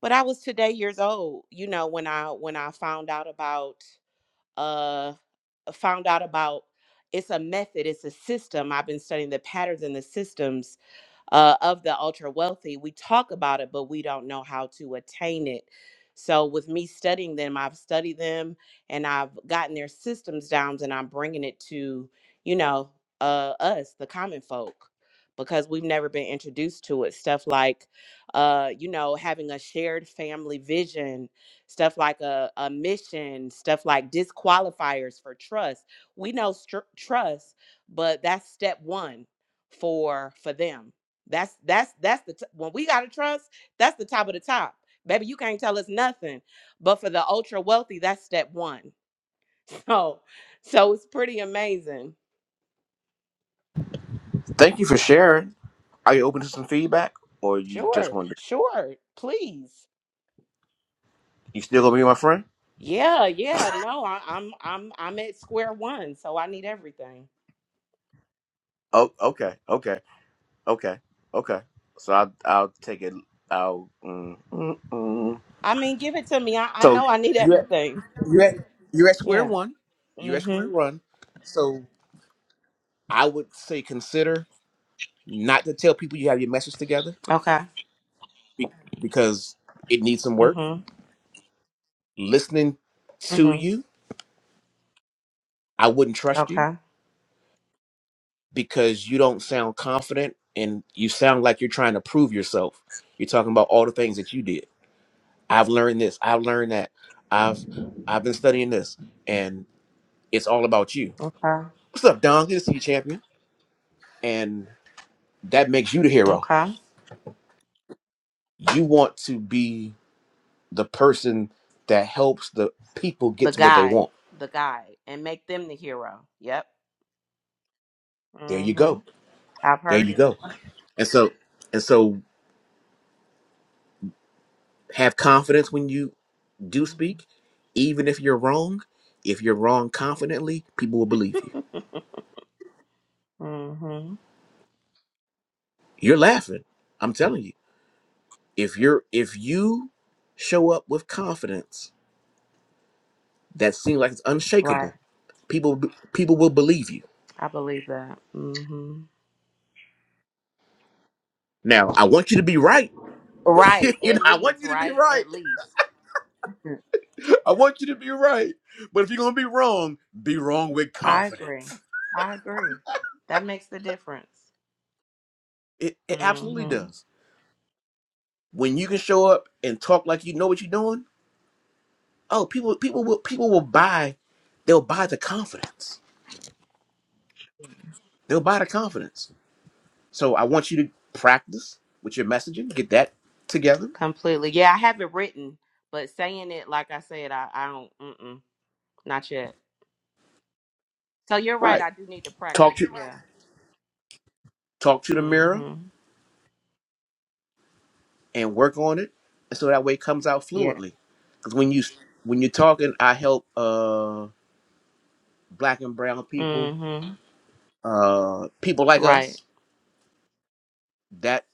But I was today years old, you know, when I when I found out about uh, found out about it's a method, it's a system. I've been studying the patterns and the systems uh, of the ultra wealthy. We talk about it, but we don't know how to attain it. So, with me studying them, I've studied them and I've gotten their systems down, and I'm bringing it to, you know, uh, us, the common folk, because we've never been introduced to it. Stuff like, uh, you know, having a shared family vision, stuff like a, a mission, stuff like disqualifiers for trust. We know str- trust, but that's step one for for them that's that's that's the t- when we got to trust. That's the top of the top, baby. You can't tell us nothing. But for the ultra wealthy, that's step one. So, so it's pretty amazing.
Thank you for sharing. Are you open to some feedback or you just
Sure,
want to,
sure, please.
you still gonna be my friend?
Yeah, yeah. No, I, I'm I'm I'm at square one, so I need everything.
Oh, okay. Okay. Okay. Okay. So I, I'll take it. I'll. Mm, mm, mm.
I mean, give it to me. I, I
So
know I need
you're at,
everything.
you're at you're at square
Yeah.
one. You're at square
Mhm.
one. So I would say consider not to tell people you have your message together
Okay.
be- because it needs some work.
Mhm.
Listening to
Mhm.
you, I wouldn't trust you
Okay.
because you don't sound confident and you sound like you're trying to prove yourself. You're talking about all the things that you did. I've learned this. I've learned that. I've I've been studying this It's all about you.
Okay.
What's up, Don? Good to see you, champion. And that makes you the hero.
Okay.
You want to be the person that helps the people get
The
to what they
guide,
want.
the guide, and make them the hero. Yep.
There you
Mm-hmm.
go.
I've
There
heard
you
it.
go. And so and so have confidence when you do speak, even if you're wrong. If you're wrong confidently, people will believe you.
Mm-hmm. mm-hmm.
You're laughing. I'm telling you. If you're if you show up with confidence that seems like it's
Right.
unshakable, people people will believe you
I believe that. Mm-hmm.
Now, I want you to be right.
Right.
you know,
At
I want
least,
you to be
right?
right.
At least. Mm.
I want you to be right. But if you're going to be wrong, be wrong with
I agree.
confidence.
I agree. That makes the difference.
It, it absolutely
Mm-hmm.
does. When you can show up and talk like you know what you're doing, oh, people people will people will buy they'll buy the confidence. They'll buy the confidence. So I want you to practice with your messaging, get that together.
Completely. Yeah, I have it written, but saying it, like I said, I, I don't, mm-mm, not yet. So you're right.
Right.
I do need to
Talk
practice.
to
Yeah.
talk to the mirror,
Mm-hmm.
and work on it, and so that way it comes out
Yeah.
fluently. Because when you when you're talking, I help uh black and brown people,
Mm-hmm.
uh people like
Right.
us. That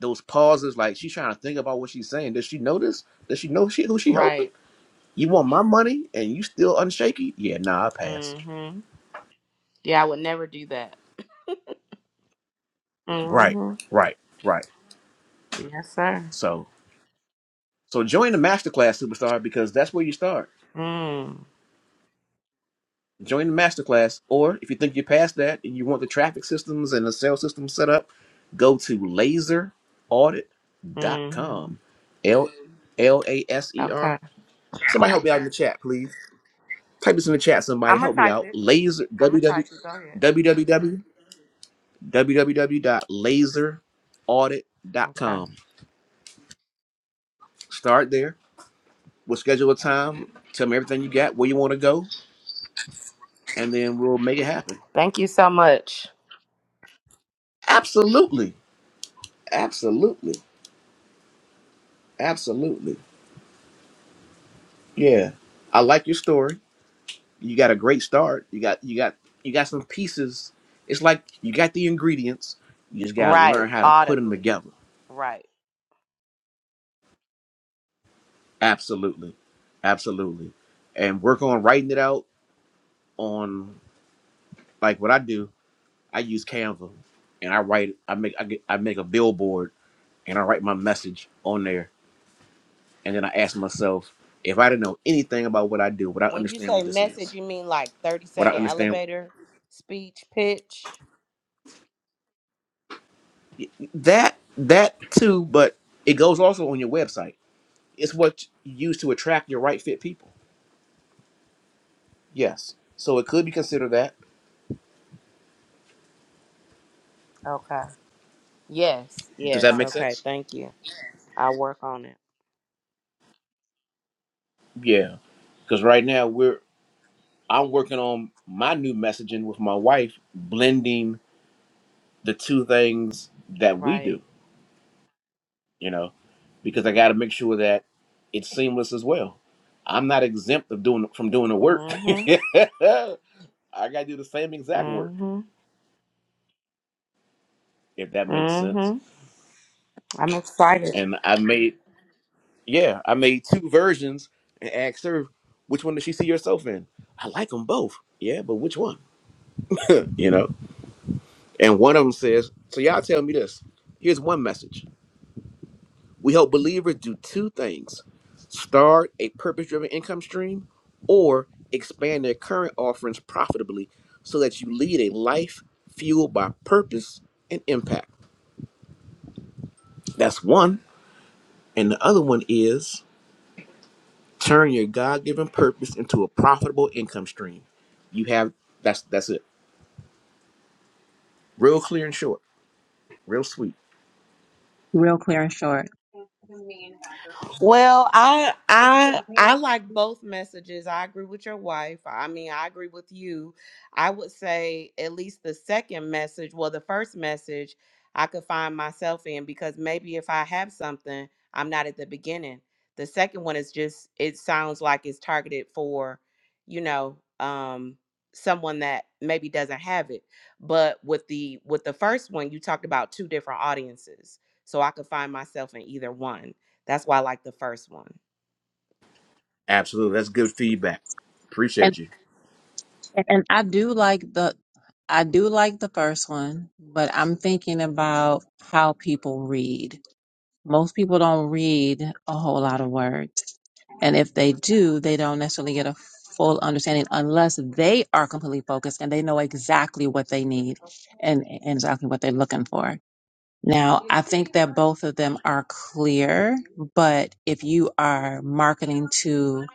those pauses, like she's trying to think about what she's saying. Does she notice? Does she know she who she helping?
Right.
You want my money and you still unshaky? Yeah, nah, I pass.
Mm-hmm. Yeah, I would never do that.
Right,
hmm
right, right.
Yes, sir.
So so join the masterclass superstar because that's where you start
Mm.
join the masterclass. Or if you think you're past that and you want the traffic systems and the sales system set up, go to laser audit dot
Mm-hmm.
com. L L A S E R.
Okay.
Somebody help me out in the chat, please. Type this in the chat, somebody.
I'm going to
Help me
type
out.
it.
Laser
I'm going to
www
type it. Go ahead.
www www.laser audit dot
Okay.
com. Start there. We'll schedule a time. Tell me everything you got, where you want to go, and then we'll make it happen.
Thank you so much.
Absolutely. Absolutely. Absolutely. Yeah, I like your story. You got a great start. You got you got you got some pieces. It's like you got the ingredients. You just got to learn
Right.
how to put them
Audibly.
together.
Right.
Absolutely, absolutely, and work on writing it out on like what I do. I use Canva, and I write. I make I get I make a billboard, and I write my message on there, and then I ask myself if I didn't know anything about what I do, would I
When you
understand
say
what this
message,
is?
you mean like 30
Would I
second
understand?
elevator speech pitch?
that that too, but it goes also on your website. It's what you use to attract your right fit people. Yes, so it could be considered that.
Okay. Yes.
Does that
Yes.
make
Okay.
sense?
Thank you. I'll work on it.
Yeah, because right now we're I'm working on my new messaging with my wife, blending the two things that we
Right.
do. You know, because I got to make sure that it's seamless as well. I'm not exempt of doing from doing the work.
Mm-hmm.
I got to do the same exact work
Mm-hmm.
if that makes sense.
Mm-hmm. I'm excited.
And I made Yeah, I made two versions and asked her which one does she see herself in. I like them both. Yeah, but which one? You know. And one of them says, "So y'all tell me this. Here's one message. We help believers do two things: start a purpose-driven income stream, or expand their current offerings profitably, so that you lead a life fueled by purpose and impact. That's one. And the other one is." Turn your God-given purpose into a profitable income stream. You have that's that's it. Real clear and short. Real sweet.
Real clear and short.
Well, I I I like both messages. I agree with your wife. I mean, I agree with you. I would say at least the second message, well, the first message I could find myself in because maybe if I have something, I'm not at the beginning. The second one is just it sounds like it's targeted for, you know, um someone that maybe doesn't have it. But with the with the first one, you talked about two different audiences. So I could find myself in either one. That's why I like the first one.
Absolutely. That's good feedback.
And
Appreciate you.
and I do like the I do like the first one, but I'm thinking about how people read. Most people don't read a whole lot of words. And if they do, they don't necessarily get a full understanding unless they are completely focused and they know exactly what they need and, and exactly what they're looking for. Now, I think that both of them are clear, but if you are marketing to,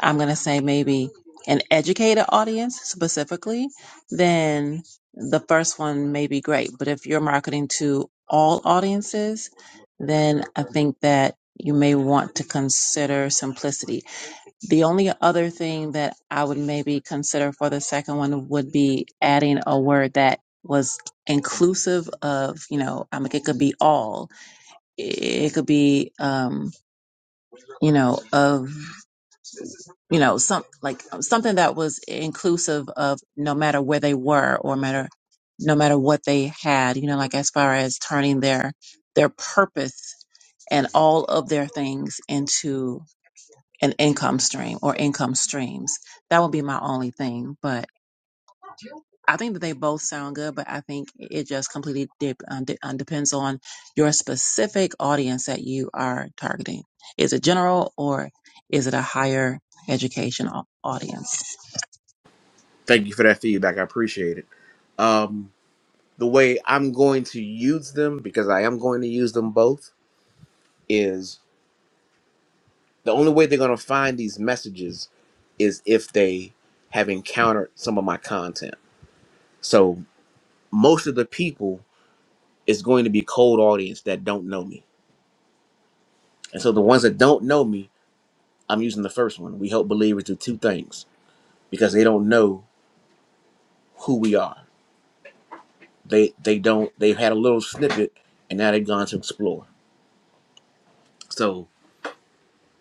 I'm going to say maybe an educated audience specifically, then the first one may be great. But if you're marketing to all audiences, then I think that you may want to consider simplicity the only other thing that I would maybe consider for the second one would be adding a word that was inclusive of, you know, I mean, it could be all. It could be, um, you know, of, you know, some like something that was inclusive of no matter where they were or matter, no matter what they had, you know, like as far as turning their, their purpose and all of their things into an income stream or income streams. That would be my only thing. But I think that they both sound good, but I think it just completely dip, um, de- um, depends on your specific audience that you are targeting. Is it general or is it a higher education au- audience?
Thank you for that feedback. I appreciate it. Um, the way I'm going to use them, because I am going to use them both, is the only way they're going to find these messages is if they have encountered some of my content. So most of the people is going to be cold audience that don't know me. And so the ones that don't know me I'm using the first one. We help believers do two things because they don't know who we are. They they don't they've had a little snippet and now they've gone to explore. So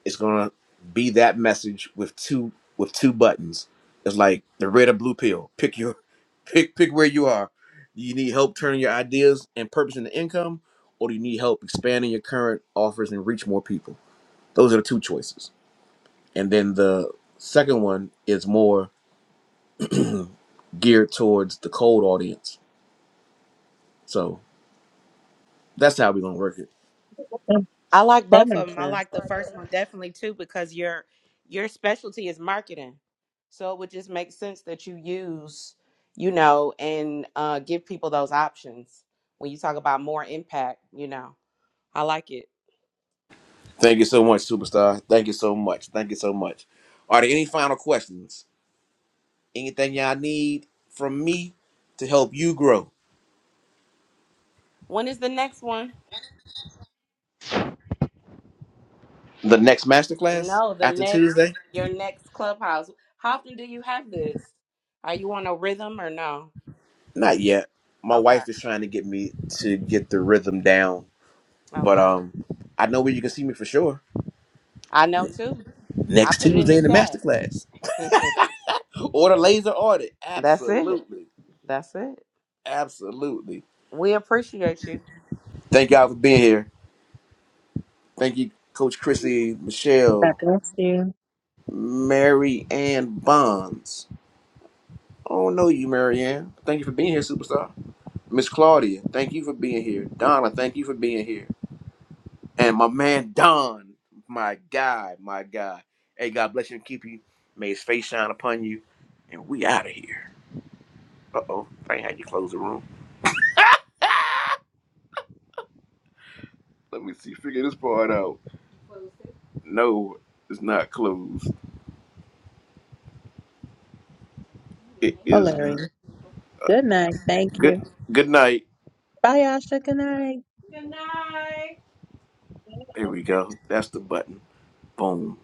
it's gonna be that message with two with two buttons. It's like the red or blue pill. Pick your pick pick where you are. Do you need help turning your ideas and purpose into income, or do you need help expanding your current offers and reach more people? Those are the two choices. And then the second one is more geared towards the cold audience So that's how we're gonna work it.
I like both of them. I like the first one definitely too because your your specialty is marketing, so it would just make sense that you use, you know, and uh, give people those options when you talk about more impact. You know. I like it.
Thank you so much, superstar. Thank you so much. Thank you so much. Are there any final questions? Anything y'all need from me to help you grow?
When is the next one?
The next masterclass
No, the
after
next
Tuesday?
your next clubhouse. How often do you have this? Are you on a rhythm or no?
Not yet. My
Okay.
wife is trying to get me to get the rhythm down, but
Okay.
um, I know where you can see me for sure.
I know too. I
Next
put it in
Tuesday
the
in the
chat.
masterclass or the laser audit.
That's it.
Absolutely,
That's it.
absolutely.
We appreciate you.
Thank y'all for being here. Thank you, Coach Chrissy, Michelle, Mary Ann Bonds. Oh no, you, Mary Ann. Thank you for being here, superstar. Miss Claudia, thank you for being here. Donna, thank you for being here. And my man Don, my guy, my guy. Hey, God bless you and keep you. May His face shine upon you. And we out of here. Uh oh, I ain't had you close the room. Let me see. Figure this part out. No, it's not closed. It is not.
Hilarious. Good night. Thank
Good.
you.
Good night.
Bye, Asha. Good night.
Good night. There we go. That's the button. Boom.